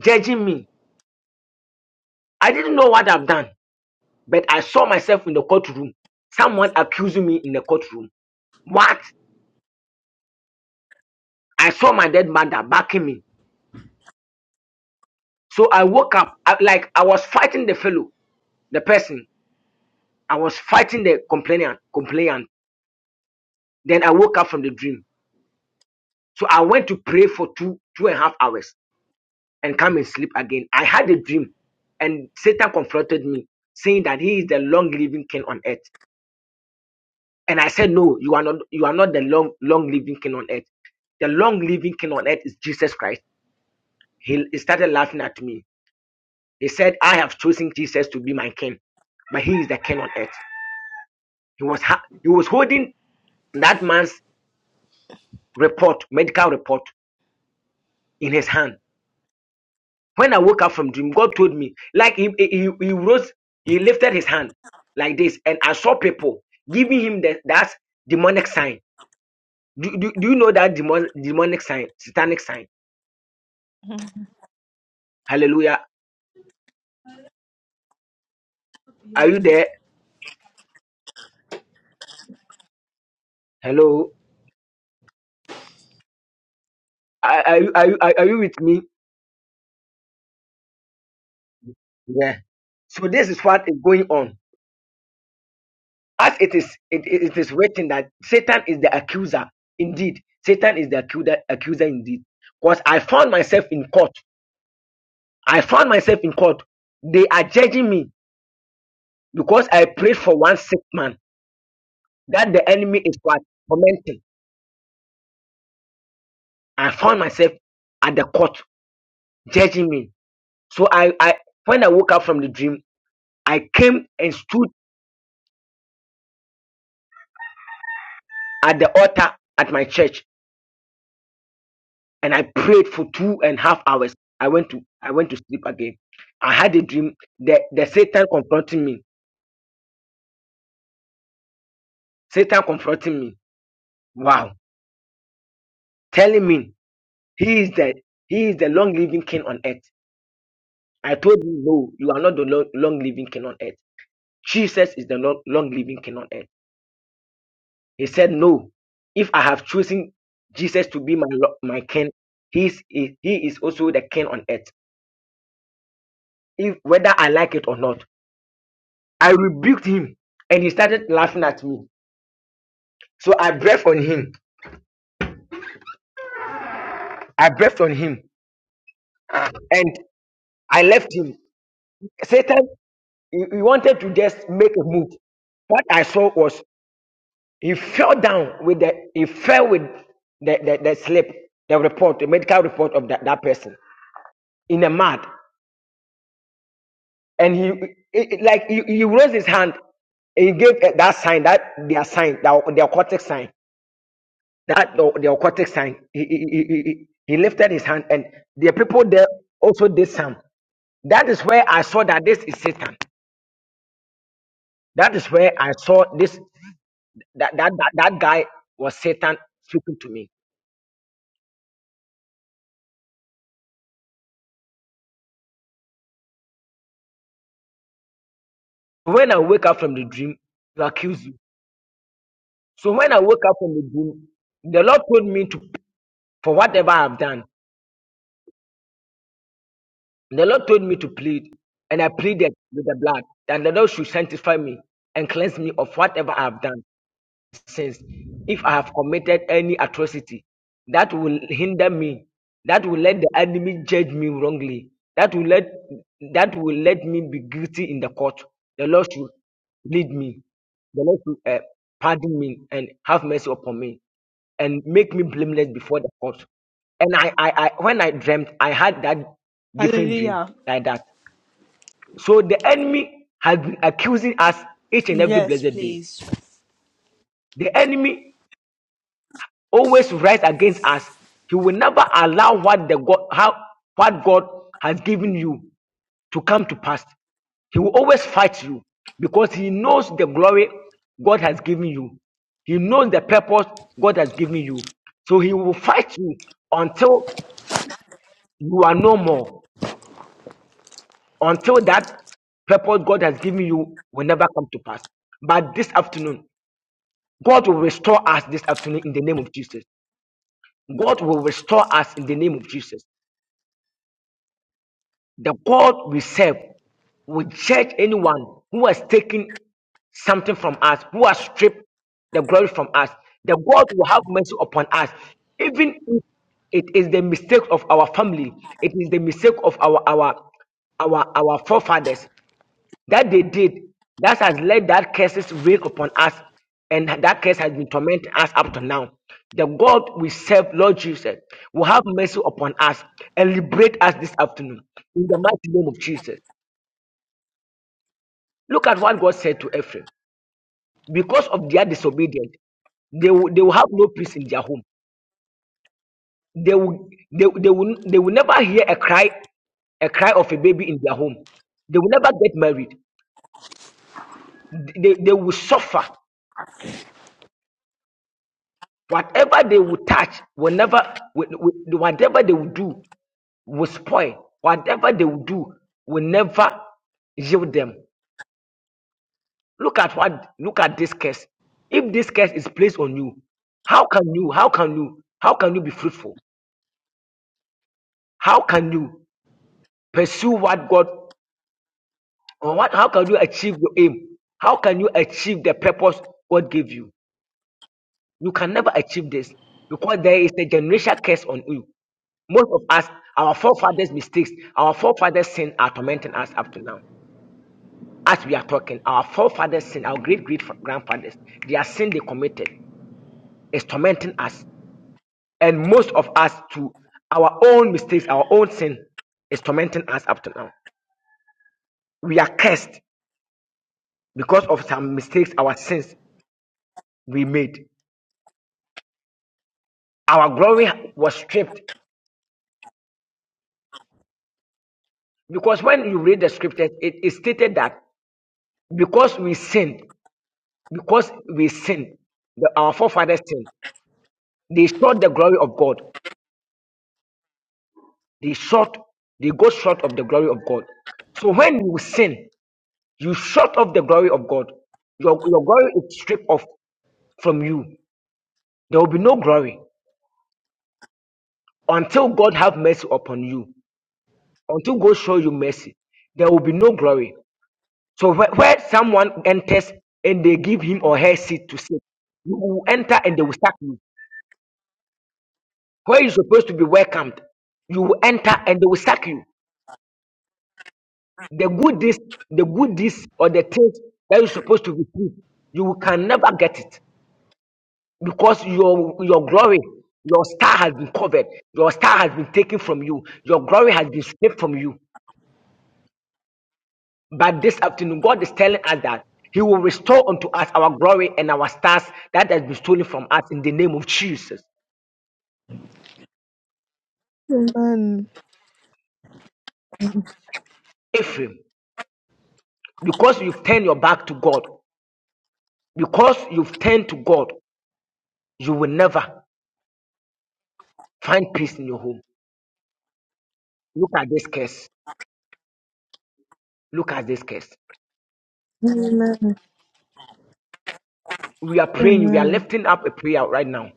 judging me. I didn't know what I've done, but I saw myself in the courtroom. Someone accusing me in the courtroom. What? I saw my dead mother backing me. So I woke up I, like I was fighting the fellow, the person. I was fighting the complainant, complainant. Then I woke up from the dream So I went to pray for two two and a half hours and come and sleep again. I had a dream, and Satan confronted me, saying that he is the long living king on earth. And I said, No, you are not. You are not the long long living king on earth. The long living king on earth is Jesus Christ. He, he started laughing at me. He said, I have chosen Jesus to be my king, but he is the king on earth. He was ha- he was holding that man's report, medical report, in his hand When I woke up from dream, God told me, like he, he, he rose, he lifted his hand like this, and I saw people giving him the, that demonic sign. Do, do, do you know that demon, demonic sign, satanic sign? Hallelujah. Are you there? Hello. Are, are, you, are, you, are you with me? Yeah. So this is what is going on. As it is, it, it is written that Satan is the accuser. Indeed, Satan is the accuser, accuser indeed. Because I found myself in court. I found myself in court. They are judging me Because I prayed for one sick man that the enemy is what tormenting. I found myself at the court judging me. So I, I when I woke up from the dream, I came and stood at the altar at my church and I prayed for two and a half hours. I went to I went to sleep again. I had a dream that the Satan confronting me. Satan confronting me. Wow. Telling me he is the he is the long living king on earth. I told him, no, you are not the long living king on earth. Jesus is the long, living king on earth. He said, No, if I have chosen Jesus to be my my king, he is, he, he is also the king on earth, if, whether I like it or not. I rebuked him and he started laughing at me. So I breathed on him. I breathed on him and I left him. Satan, he, he wanted to just make a move. What I saw was he fell down with the, he fell with the, the, the slip, the report, the medical report of that, that person in the mud. and he it, it- like he, he raised his hand and he gave eh, that sign that their sign the, the aquatic sign that the, the aquatic sign he, he, he, he he- he lifted his hand and the people there also did some that is where i saw that this is satan that is where i saw this that that that, that guy was satan speaking to me when i wake up from the dream to accuse you so when i woke up from the dream the lord told me to for whatever i've done The Lord told me to plead, and I pleaded with the blood that the Lord should sanctify me and cleanse me of whatever I have done sins, if I have committed any atrocity that will hinder me, that will let the enemy judge me wrongly, that will let that will let me be guilty in the court, the Lord should lead me. The Lord should uh, pardon me and have mercy upon me and make me blameless before the court. And I, I, I, when I dreamt, I had that different dream
Hallelujah.
like that. So the enemy has been accusing us each and every
Yes,
blessed day.
please.
The enemy always rise against us. He will never allow what the God how what God has given you to come to pass. He will always fight you because he knows the glory God has given you. He knows the purpose God has given you. So he will fight you until you are no more, until that purpose God has given you will never come to pass. But this afternoon, God will restore us this afternoon in the name of Jesus. God will restore us in the name of Jesus. The God we serve will judge anyone who has taken something from us, who has stripped the glory from us. The God will have mercy upon us, even if it is the mistake of our family, it is the mistake of our our our our forefathers that they did that has let that curses wake upon us and that curse has been tormenting us up to now the god we serve lord jesus will have mercy upon us and liberate us this afternoon in the mighty name of jesus look at what god said to ephraim because of their disobedience they will, they will have no peace in their home they will they, they will they will never hear a cry a cry of a baby in their home they will never get married they, they will suffer Whatever they will touch will never, will- will- whatever they will do will spoil. Whatever they will do will never yield them. Look at what, look at this curse. If this curse is placed on you, how can you, how can you, how can you be fruitful? How can you pursue what God, or what, how can you achieve your aim? How can you achieve the purpose God gave you? You can never achieve this because there is a generational curse on you. Most of us, our forefathers' mistakes, our forefathers' sin are tormenting us up to now. As we are talking, our forefathers' sin, our great great grandfathers, their sin they committed is tormenting us. And most of us, too, our own mistakes, our own sin is tormenting us up to now. We are cursed because of some mistakes, our sins we made. Our glory was stripped because when you read the scriptures, it is stated that because we sinned, because we sinned, the- our forefathers sinned They sought the glory of God. They sought, they go short of the glory of God. So when you sin, you short of the glory of God. Your, your glory is stripped off from you. There will be no glory until God have mercy upon you. Until God show you mercy, there will be no glory. So where, where someone enters and they give him or her seat to sit, you will enter and they will sack you. Where you're supposed to be welcomed, you will enter and they will sack you. The goodies, the goodies or the things that you're supposed to receive, you can never get it because your your glory, your star has been covered, your star has been taken from you, your glory has been stripped from you. But this afternoon, God is telling us that He will restore unto us our glory and our stars that has been stolen from us in the name of Jesus.
Amen.
Ephraim, because you've turned your back to God, because you've turned to God, you will never find peace in your home. Look at this case. Look at this case.
Amen.
we are praying, we are
Amen.
lifting up a prayer right now.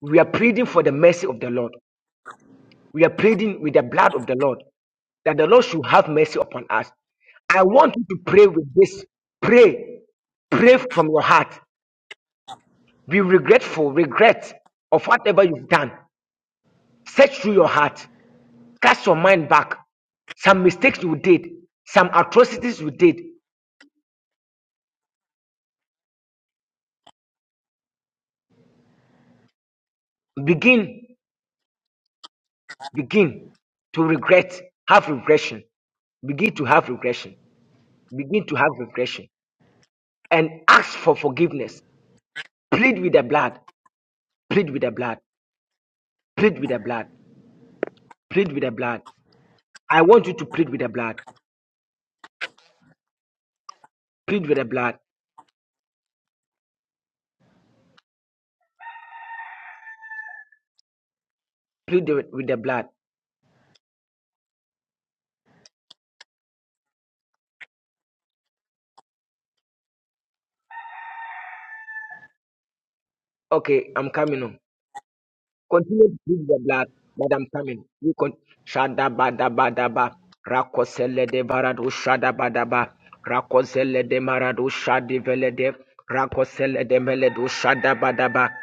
We are pleading for the mercy of the Lord. We are pleading with the blood of the Lord that the Lord should have mercy upon us. I want you to pray with this. Pray. Pray from your heart. Be regretful, regret of whatever you've done. Search through your heart. Cast your mind back. Some mistakes you did, some atrocities you did. Begin, begin to regret. Have regression. Begin to have regression. Begin to have regression. and ask for forgiveness. Plead with the blood. Plead with the blood. Plead with the blood. Plead with the blood. I want you to plead with the blood. Plead with the blood. Plead with with the blood. Okay, I'm coming on. Continue to plead with the blood, but I'm coming. You can shada bada bada ba. Rakosele de barado shada bada ba. Rakosele de marado shadi vele de. Rakosele de mele do shada bada ba.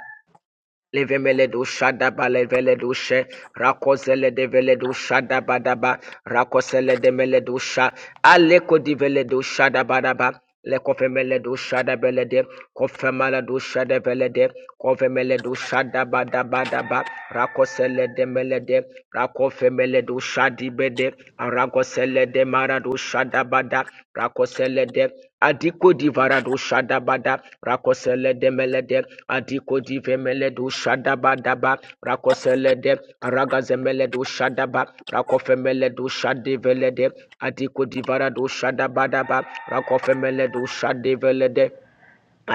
Levemele do shada ba levele do she rakozele de vele do shada ba da ba rakosele de mele do sha aleko di vele do shada ba da ba le kofemele do shada bele de kofemala do shada bele de kofemele do shada ba da ba da ba rakosele de mele de rakofemele do shadi be de rakosele de mara do shada ba da rakosele de Adiko divarado shadabada rakosele de melede adiko divemeledo shadabadaba rakosele de ragazemeledo shadaba rakofemeledo shadevelede adiko divarado shadabadaba rakofemeledo shadevelede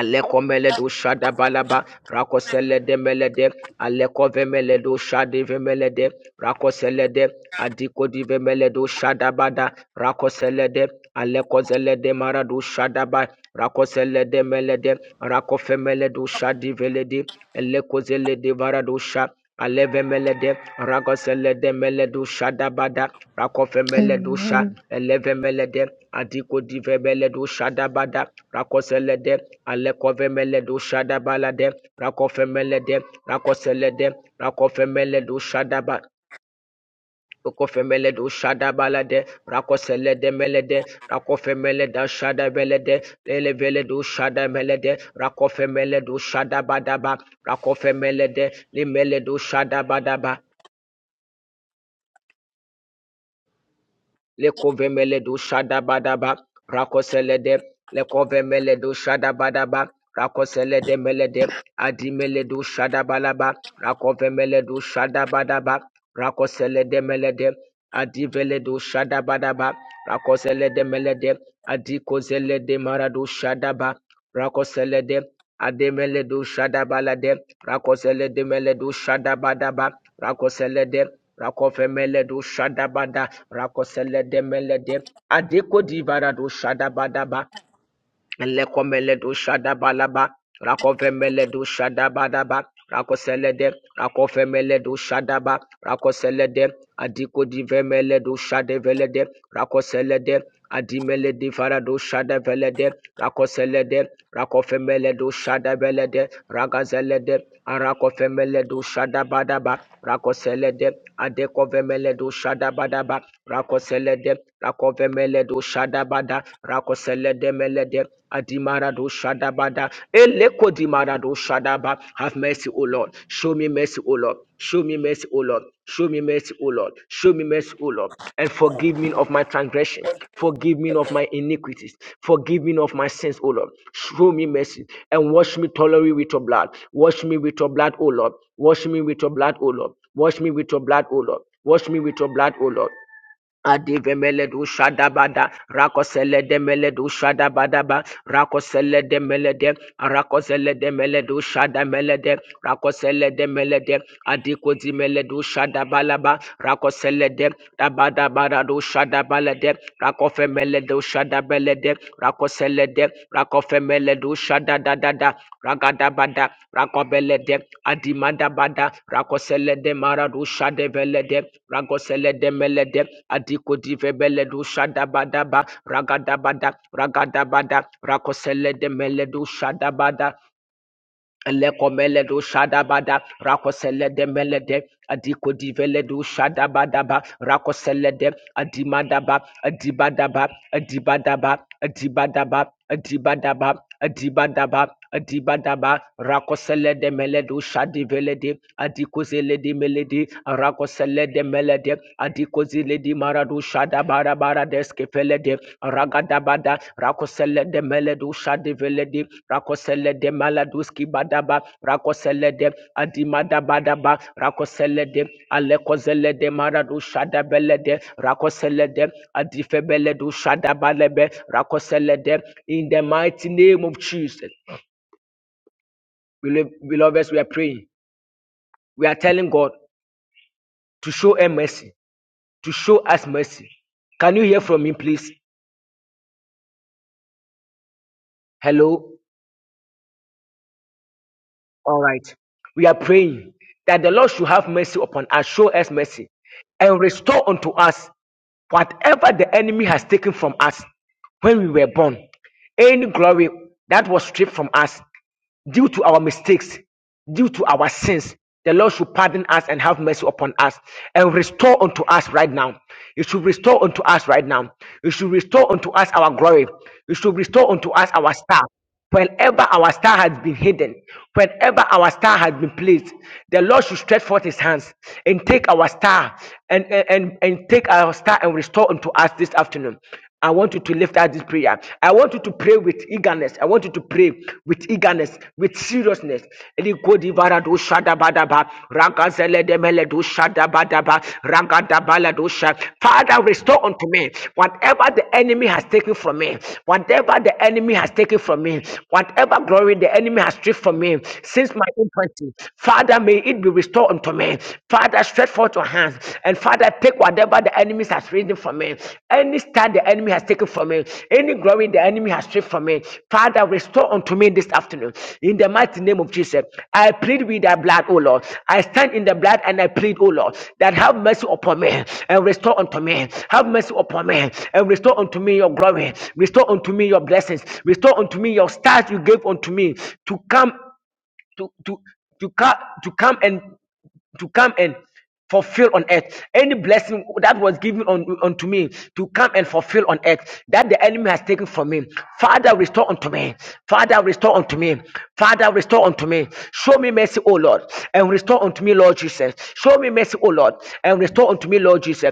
Alekomele do shada balaba rakosele de melede aleko vemele do shade vemele de rakosele de adiko di vemele do shada bada rakosele de aleko zele de mara shada ba rakosele de melede rakofemele do shadi veledi eleko zele de vara do sha Alevemelede, Ragoselede Meledu Shadabada, Rakofemeledu Sha,
Amen.
Elevemelede, Adiko dive Divebeledu Shadabada, Rakoselede, Alekovemeledu Shadabalade, Rakofemelede, Rakoselede, Rakofemeledu Shadaba. Okofemeledu Shadabalade, Rakoselede Melede, Rakofemeleda Shadabelede, Leleveledu Shadamelede, Rakofemeledu Shadabadaba, Rakofemelede, Limeledu Shadabadaba, lekovemele do shada badaba rakoselede lekovemele do shada badaba rakoselede melede adimele do shadabalaba rakovemele do shada badaba rakoselede melede adivele do shada badaba rakoselede melede adikozelede marado shadaba rakoselede ademele do shada balade rakoselede meledo shada badaba rakoselede rakovemele do shada bada. Rakosele de melede. Adeko di varado shadabadaba. Lekomele do shadabalaba. Rakove meledo shadabadaba. Rakosele de. Rakofemele do shadaba. Rakosele de. Adiko di vemele do Rakoselede, de. Rakosele de. Adimele di varado shadevele de. Rakosele de. Rakofemele do arakove meledo Ragazele de. shadabadaba. Rakoselede Adekovemeledo Shadabadaba Rakoselede Rakovemeledo Shada bada. Rakoselede Melede Adimarado Shada bada. Eleko Dimarado Shadaba Have mercy, O Lord. Show me mercy, O Lord. Show me mercy, O Lord. Show me mercy, mercy, O Lord. Show me mercy, O Lord, and forgive me of my transgression. Forgive me of my iniquities. Forgive me of my sins, O Lord. Show me mercy and wash me thoroughly with your blood. Wash me with your blood, O Lord. Wash me with your blood, O Lord. Wash me with your blood, O Lord. Wash me with your blood, O Lord. Adivemele du shadabada, rakosele de mele du shadabadaba, rakosele de mele de, rakosele de mele du shadamele de, rakosele de mele de, adikozi mele du shadabalaba, rakosele de, dabadabada du shadabale de, rakofe mele du shadabele Rakoselede, Rakoselede, Rakofemele Shada da da da, Ragadabada, Rakobelede, Adimadabada, Rakoselede Maradu Shade Velede, Ragoselede Melede, Adiko Divebele do Shadabadaba, Ragadabada, Ragadabada, Rakoselede Meledu Shadabada, Lekomele do shadabada rakosele de melede adiko divele do shadabadaba rakosele de adimadaba adibadaba adibadaba adibadaba adibadaba adibadaba adibadaba rakosele de meledo shadivele de adiko zele de melede rakosele de melede adiko zile di maradu shada bara bara deske fele ragada bada rakosele de meledu shadi vele rakosele de maladuski badaba rakosele de adimada badaba rakosele de alekozele de maradu shada bele rakosele de adife shada balebe rakosele de in the mighty name of Jesus beloveds we are praying we are telling God to show us mercy to show us mercy can you hear from me please hello All right. We are praying that the Lord should have mercy upon us, show us mercy, and restore unto us whatever the enemy has taken from us when we were born. Any glory that was stripped from us due to our mistakes, due to our sins, the Lord should pardon us and have mercy upon us and restore unto us right now. You should restore unto us right now. You should restore unto us our glory. You should restore unto us our star. Whenever our star has been hidden, whenever our star has been placed, the Lord should stretch forth his hands and take our star and, and, and and take our star and restore unto us this afternoon. I want you to lift out this prayer. I want you to pray with eagerness. I want you to pray with eagerness, with seriousness. Father, restore unto me whatever the enemy has taken from me, whatever the enemy has taken from me, whatever glory the enemy has stripped from me since my infancy. Father, may it be restored unto me. Father, stretch forth your hands and Father, take whatever the enemy has risen from me. Any stand the enemy has taken from me, any glory the enemy has stripped from me, Father, restore unto me this afternoon. In the mighty name of Jesus, I plead with thy blood, O Lord. I stand in the blood and I plead, O Lord, that have mercy upon me and restore unto me. Have mercy upon me and restore unto me your glory. Restore unto me your blessings. Restore unto me your stars you gave unto me to come to to to come to come and to come and fulfill on earth any blessing that was given on, unto me to come and fulfill on earth that the enemy has taken from me father restore unto me father restore unto me father restore unto me show me mercy o lord and restore unto me lord jesus show me mercy o lord and restore unto me lord jesus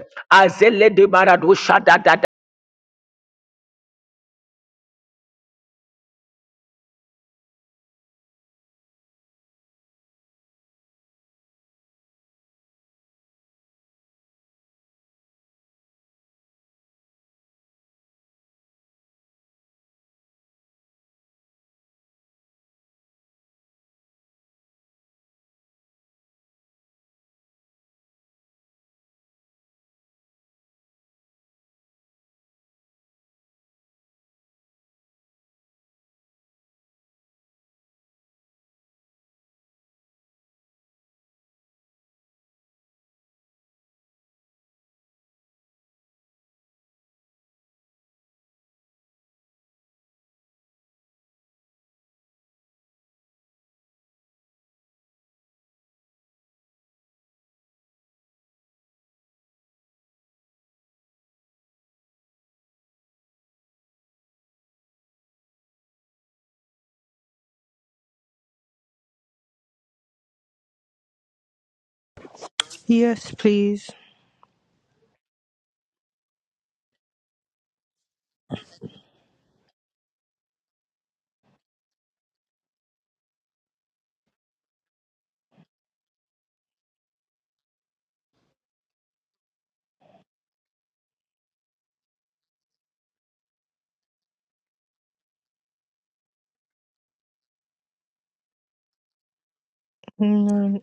Yes, please. Amen.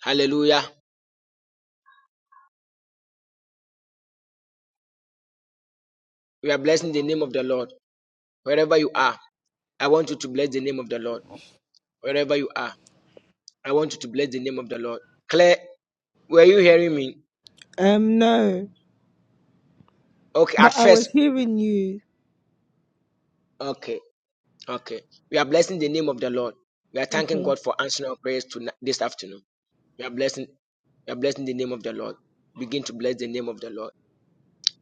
hallelujah we are blessing the name of the lord wherever you are i want you to bless the name of the lord wherever you are i want you to bless the name of the lord claire were you hearing me
Um, no.
Okay, at
But I
first,
was hearing you.
okay, okay. We are blessing the name of the Lord. We are thanking
Okay.
God for answering our prayers to this afternoon. We are blessing, we are blessing the name of the Lord. Begin to bless the name of the Lord.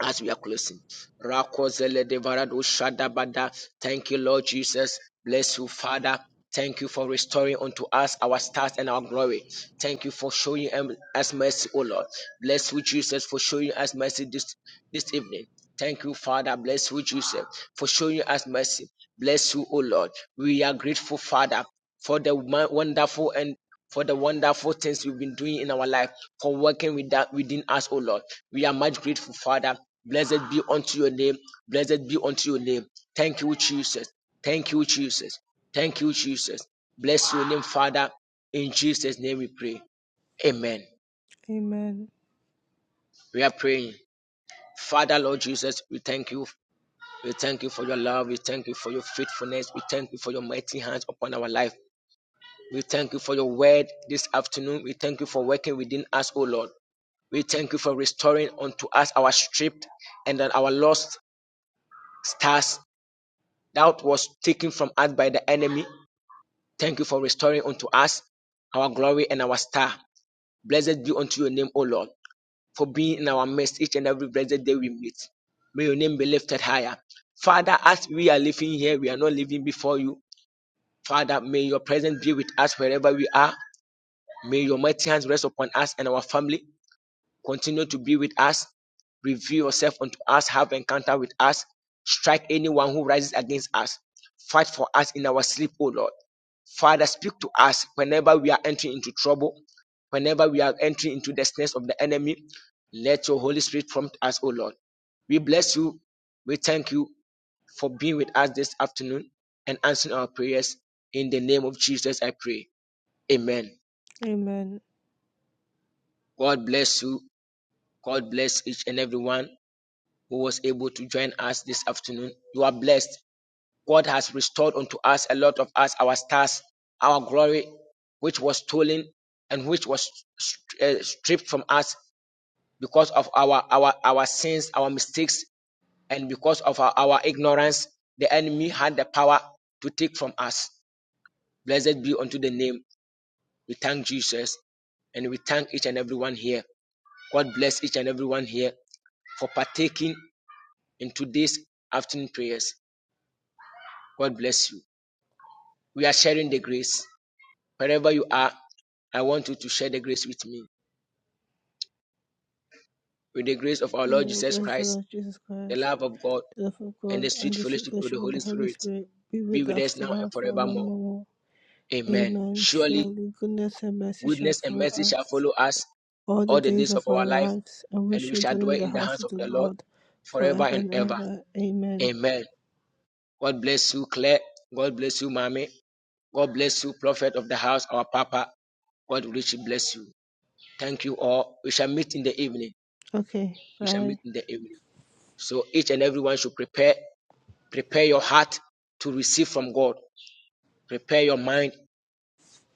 as we are closing. Rakozele devarado shadabada. Thank you, Lord Jesus. Bless you, Father. Thank you for restoring unto us our stars and our glory. Thank you for showing em- us mercy, O Lord. Bless you, Jesus, for showing us mercy this, this evening. Thank you, Father. Bless you, Jesus, for showing us mercy. Bless you, O Lord. We are grateful, Father, for the mon- wonderful and for the wonderful things you've been doing in our life, for working with that within us, O Lord. We are much grateful, Father. Blessed be unto your name. Blessed be unto your name. Thank you, Jesus. Thank you, Jesus. Thank you, Jesus. Bless your name, Father. In Jesus' name we pray. Amen.
Amen.
We are praying. Father, Lord Jesus, we thank you. We thank you for your love. We thank you for your faithfulness. We thank you for your mighty hands upon our life. We thank you for your word this afternoon. We thank you for working within us, O Lord. We thank you for restoring unto us our stripped and then our lost stars that was taken from us by the enemy. Thank you for restoring unto us our glory and our star. Blessed be unto your name, O Lord, for being in our midst each and every blessed day we meet. May your name be lifted higher. Father, as we are living here, we are not living before you. Father, may your presence be with us wherever we are. May your mighty hands rest upon us and our family. Continue to be with us. Reveal yourself unto us. Have encounter with us. Strike anyone who rises against us. Fight for us in our sleep, O Lord. Father, speak to us whenever we are entering into trouble, whenever we are entering into the snares of the enemy. Let your Holy Spirit prompt us, O Lord. We bless you. We thank you for being with us this afternoon and answering our prayers. In the name of Jesus, I pray. Amen.
Amen.
God bless you. God bless each and every one. who was able to join us this afternoon. You are blessed. God has restored unto us a lot of us our stars, our glory, which was stolen and which was st- uh, stripped from us because of our our our sins, our mistakes, and because of our, our ignorance. The enemy had the power to take from us. Blessed be unto the name. We thank Jesus and we thank each and everyone here. God bless each and everyone here for partaking in today's afternoon prayers. God bless you. We are sharing the grace. Wherever you are, I want to share the grace with me. With the grace of our
May
Lord
the
Jesus
grace of our
Christ,
Lord Jesus
the
Christ,
love of God,
the love of
and the
God,
sweet
and the sweet
fellowship of the
fellowship of the
Holy
Holy
Spirit
Spirit be
be
with
with us
us
now and
now
forevermore.
forevermore.
Amen.
Amen.
Surely
Surely goodness and mercy shall
goodness and
follow
mercy shall
us
follow us
all the
all the
days
days
of
of
our
our life,
lives, and we
and we
shall
shall
dwell in
dwell
the
in the
house
hands
of
of
the
the Lord
Lord
forever
forever
and
and
ever.
ever. Amen.
Amen. God bless you, Claire. God bless you, Mommy. God bless you, Prophet of the house, our Papa. God richly bless you. Thank you all. We shall meet in the evening.
Okay.
We shall meet
Bye.
in the evening. So each and everyone should prepare prepare your heart to receive from God. Prepare your mind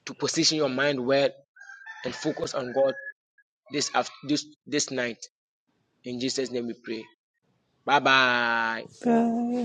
to position your mind well and focus on God this this this night. In Jesus' name we pray. Bye bye.
Bye.